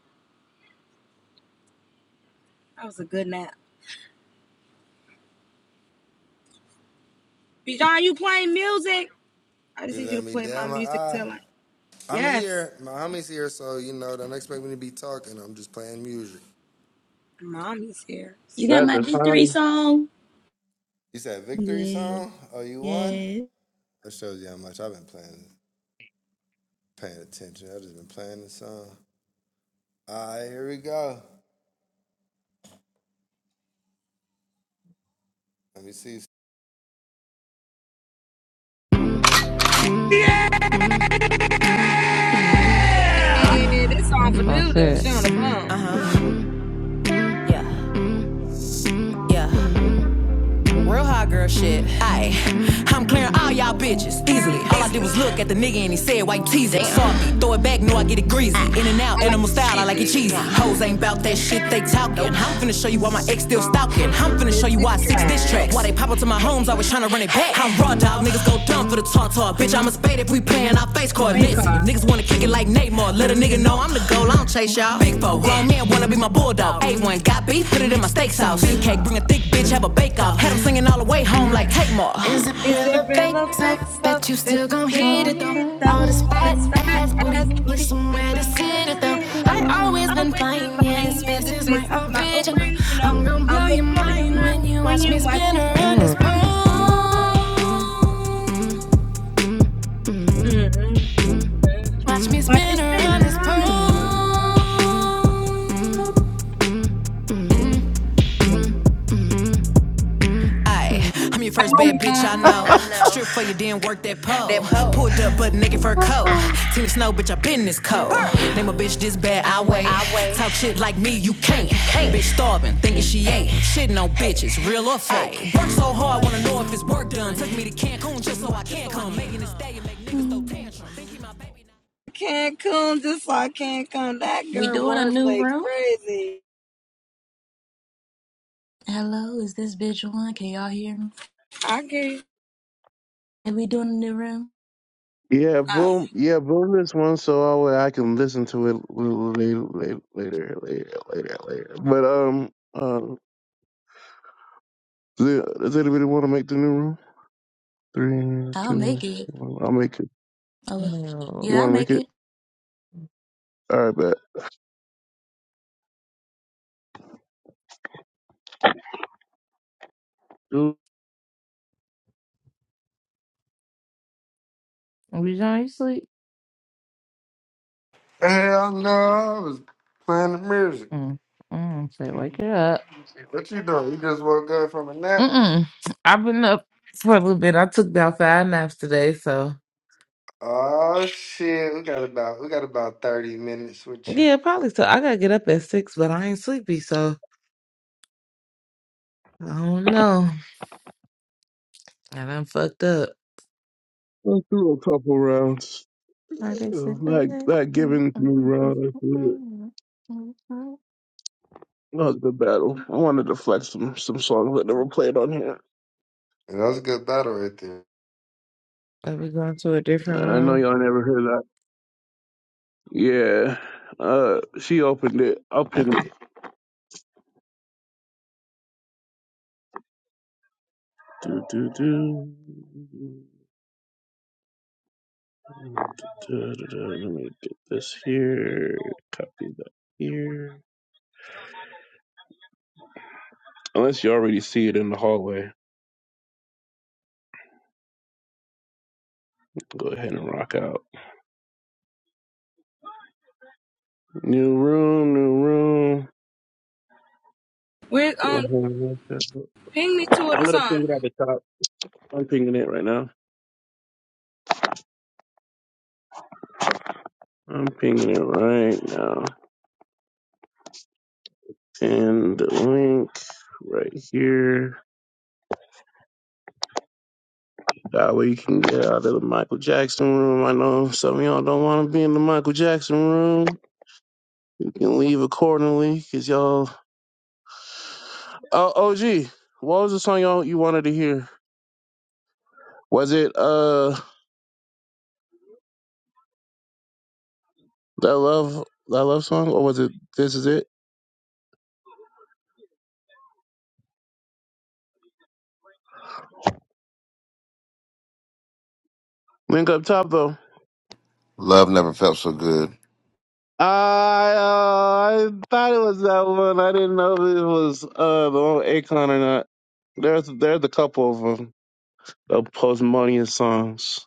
Speaker 13: That was a good nap. Bijan, you playing music? I just need you to play my music till I... Yes. Mommy's here. See,
Speaker 2: you got
Speaker 1: That
Speaker 13: cool.
Speaker 2: my
Speaker 1: the
Speaker 2: victory
Speaker 1: time.
Speaker 2: song. Yeah. Yes.
Speaker 13: Hey, this song
Speaker 12: Mm,
Speaker 13: for
Speaker 12: That's
Speaker 13: Duda. She
Speaker 12: it.
Speaker 13: on the phone.
Speaker 6: mom. yeah. Real hot girl shit. Aye,
Speaker 12: Ugh.
Speaker 6: I'm clearing all y'all bitches easily. All I did was look at the nigga and he said, why you teasing? Salty, throw it back, know I get it greasy. In and
Speaker 13: I
Speaker 6: out,
Speaker 13: like
Speaker 6: animal
Speaker 13: you
Speaker 6: style, I like it cheesy.
Speaker 13: cheesy.
Speaker 6: Hoes ain't bout that shit they talking. I'm finna show you why my ex still stalking. I'm finna show you
Speaker 13: Music
Speaker 6: why six diss
Speaker 13: track.
Speaker 6: tracks. Why they pop up to my home? rooms, always tryna run it back. I'm raw dog, niggas go dumb for the talk talk. Bitch, I'm a spade if we playin' our face card.
Speaker 13: Face
Speaker 6: Nancy,
Speaker 13: card.
Speaker 6: niggas wanna kick it like Neymar. Let a nigga know I'm the goal, I don't chase y'all. Big four,
Speaker 13: Damn.
Speaker 6: grown man wanna be my bulldog. A1 got beef, put it in my steak sauce. Big
Speaker 13: It's
Speaker 6: cake, bring a thick bitch, have a bake off. Had him singing all the way home like Kate Moore.
Speaker 13: Is it
Speaker 6: Thriller
Speaker 13: real or
Speaker 6: bakes up,
Speaker 13: fake? So
Speaker 6: bet you
Speaker 13: bet
Speaker 6: still
Speaker 13: you
Speaker 6: gon'
Speaker 13: still
Speaker 6: hit
Speaker 13: gon'
Speaker 6: it though.
Speaker 13: hit it though.
Speaker 6: All this
Speaker 13: All
Speaker 6: fat
Speaker 13: this fat
Speaker 6: ass booty,
Speaker 13: ass
Speaker 6: need
Speaker 13: booty need
Speaker 6: somewhere to
Speaker 13: somewhere to
Speaker 6: sit it
Speaker 13: sit
Speaker 6: though.
Speaker 13: it though.
Speaker 6: I have always
Speaker 13: I
Speaker 6: been
Speaker 13: always been
Speaker 6: flying, yeah,
Speaker 13: fine,
Speaker 6: this
Speaker 13: yeah.
Speaker 6: face
Speaker 13: This
Speaker 6: is my
Speaker 13: face is my
Speaker 6: original.
Speaker 13: original.
Speaker 6: I'm gon' blow
Speaker 13: I'ma
Speaker 6: your
Speaker 13: blow your
Speaker 6: mind
Speaker 13: mind
Speaker 6: when you
Speaker 13: when
Speaker 6: watch me
Speaker 13: you watch
Speaker 6: spin
Speaker 13: me spin
Speaker 6: around this pole.
Speaker 13: around this pole. Mm-hmm.
Speaker 6: Watch me
Speaker 13: Watch me
Speaker 6: spin
Speaker 13: spin
Speaker 6: around this
Speaker 13: around this
Speaker 6: pole.
Speaker 13: pole.
Speaker 6: Aye, I'm your first bad bitch
Speaker 13: Uh,
Speaker 6: I know. I know. Strip for you, then work that pole. That pole. Pulled up, but naked fur coat.
Speaker 12: *laughs*
Speaker 6: Team snow, bitch, I been this cold. Burr. Name a bitch this bad, I wait. I wait. Talk shit like me, you can't. Hey. Bitch starving, thinking she ain't. Shitting on bitches, real or fake. Work so hard, wanna know if it's work done. Took me to Cancun just so I can come. Making this day and make niggas throw.
Speaker 13: Cancun, just like Cancun. That
Speaker 2: We
Speaker 13: girl
Speaker 2: doing a new
Speaker 13: wordplay
Speaker 2: room?
Speaker 13: crazy.
Speaker 2: Hello, is this bitch on? Can y'all hear me?
Speaker 13: I can't.
Speaker 2: Are we doing a new room?
Speaker 1: Yeah, boom. Yeah, boom. This one, so I, will- I can listen to it later, later, later, later, later. But um, um, does anybody want to make the new room? Three,
Speaker 2: I'll
Speaker 1: two,
Speaker 2: make it.
Speaker 1: one. I'll make it.
Speaker 2: Oh,
Speaker 12: No.
Speaker 1: You
Speaker 2: yeah, I'll
Speaker 1: want to make
Speaker 2: make it.
Speaker 1: it? All right, bet.
Speaker 12: Every time you sleep, mm, mm, say, wake it up. Mm-mm. I've been up for a little bit. I took about five naps today, so yeah, probably. So I gotta get up at six, but I ain't sleepy, so I don't know. And I'm fucked up.
Speaker 1: Let's do a couple rounds.
Speaker 12: I just said, "Oh,
Speaker 1: That
Speaker 12: yeah."
Speaker 1: that giving me round. I feel it.
Speaker 12: *laughs*
Speaker 1: That was a good battle. I wanted to flex some some songs that never played on here.
Speaker 12: Are we going to a different
Speaker 1: I know
Speaker 12: room?
Speaker 1: y'all never heard that. Yeah. Uh, she opened it. I'll pick it.
Speaker 12: Okay.
Speaker 1: Do, do, do. Da, da, da. Let me get this here. Copy that here. Unless you already see it in the hallway, go ahead and rock out. New room, new room.
Speaker 13: We're
Speaker 1: Go
Speaker 13: um,
Speaker 1: ahead. and look that up.
Speaker 13: ping me two of the
Speaker 1: I'm gonna
Speaker 13: song.
Speaker 1: ping. I'm pinging it right now. I'm pinging it right now. And the link right here. That way you can get out of the Michael Jackson room. I know some of y'all don't want to be in the Michael Jackson room. You can leave accordingly, cause y'all. Oh, OG, what was the song y'all you wanted to hear? Was it uh that love that love song or was it This Is It? Link up top though.
Speaker 3: Love never felt so good.
Speaker 1: I uh, I thought it was that one. I didn't know if it was uh the one with Akon or not. There's there's a couple of them. The Postmodern songs.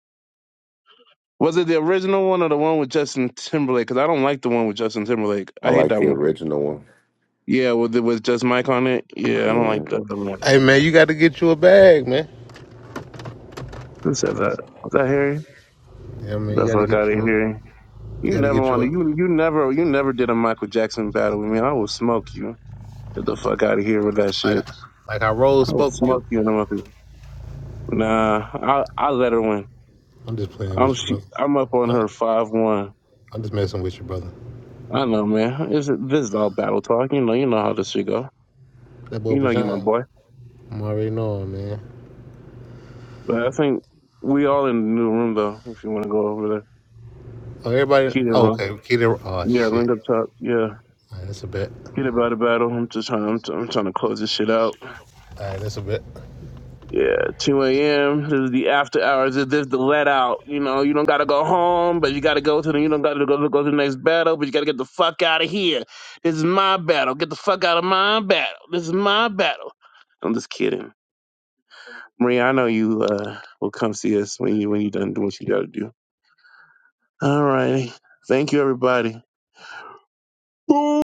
Speaker 1: Was it the original one or the one with Justin Timberlake? Because I don't like the one with Justin Timberlake.
Speaker 3: I
Speaker 1: I hate
Speaker 3: like
Speaker 1: that
Speaker 3: the
Speaker 1: one.
Speaker 3: original one.
Speaker 1: Yeah, with it was just Mike on it. Yeah, I don't like
Speaker 3: Mm-hmm.
Speaker 1: that one.
Speaker 8: Hey, man, you got to get you a bag, man.
Speaker 1: Who said that? Was that Harry?
Speaker 8: Yeah, man, you
Speaker 1: The
Speaker 8: got to
Speaker 1: fuck
Speaker 8: get
Speaker 1: out of
Speaker 8: you a,
Speaker 1: here.
Speaker 8: you
Speaker 1: You
Speaker 8: got to
Speaker 1: never
Speaker 8: get you
Speaker 1: want to.
Speaker 8: a,
Speaker 1: You you never you never did a Michael Jackson battle with me. I will smoke you. Get the fuck out of here with that
Speaker 8: like,
Speaker 1: shit.
Speaker 8: like how Rose
Speaker 1: I will
Speaker 8: spoke to you.
Speaker 1: smoke you in the mouth. Nah, I I let her win.
Speaker 8: I'm just playing
Speaker 1: I'm
Speaker 8: with your
Speaker 1: she,
Speaker 8: brother.
Speaker 1: I'm up on
Speaker 8: I'm,
Speaker 1: her five one.
Speaker 8: I'm just messing with your brother.
Speaker 1: I know, man. This is this is all battle talk. You know, you know how this shit go.
Speaker 8: That boy
Speaker 1: You know, you my
Speaker 8: Bajan.
Speaker 1: boy.
Speaker 8: I'm already knowing, man.
Speaker 1: But I think we all in the new room though. If you want to go over there,
Speaker 8: Oh, everybody.
Speaker 1: keep it
Speaker 8: Oh,
Speaker 1: room.
Speaker 8: okay. Keita. Oh,
Speaker 1: Yeah,
Speaker 8: shit.
Speaker 1: link up top. Yeah,
Speaker 8: All right, that's a bet.
Speaker 1: get about the battle. I'm just trying. I'm, I'm trying to close this shit out.
Speaker 8: All right, that's a bet.
Speaker 1: Yeah, 2 a.m. This is the after hours. This is the let out. You know, you don't gotta go home, but you gotta go to the. You don't gotta go to, go to the next battle, but you gotta get the fuck out of here. This is my battle. Get the fuck out of my battle. This is my battle. I'm just kidding, Maria. I know you uh, will come see us when you when you done doing what you gotta do. All righty. Thank you, everybody. Boom.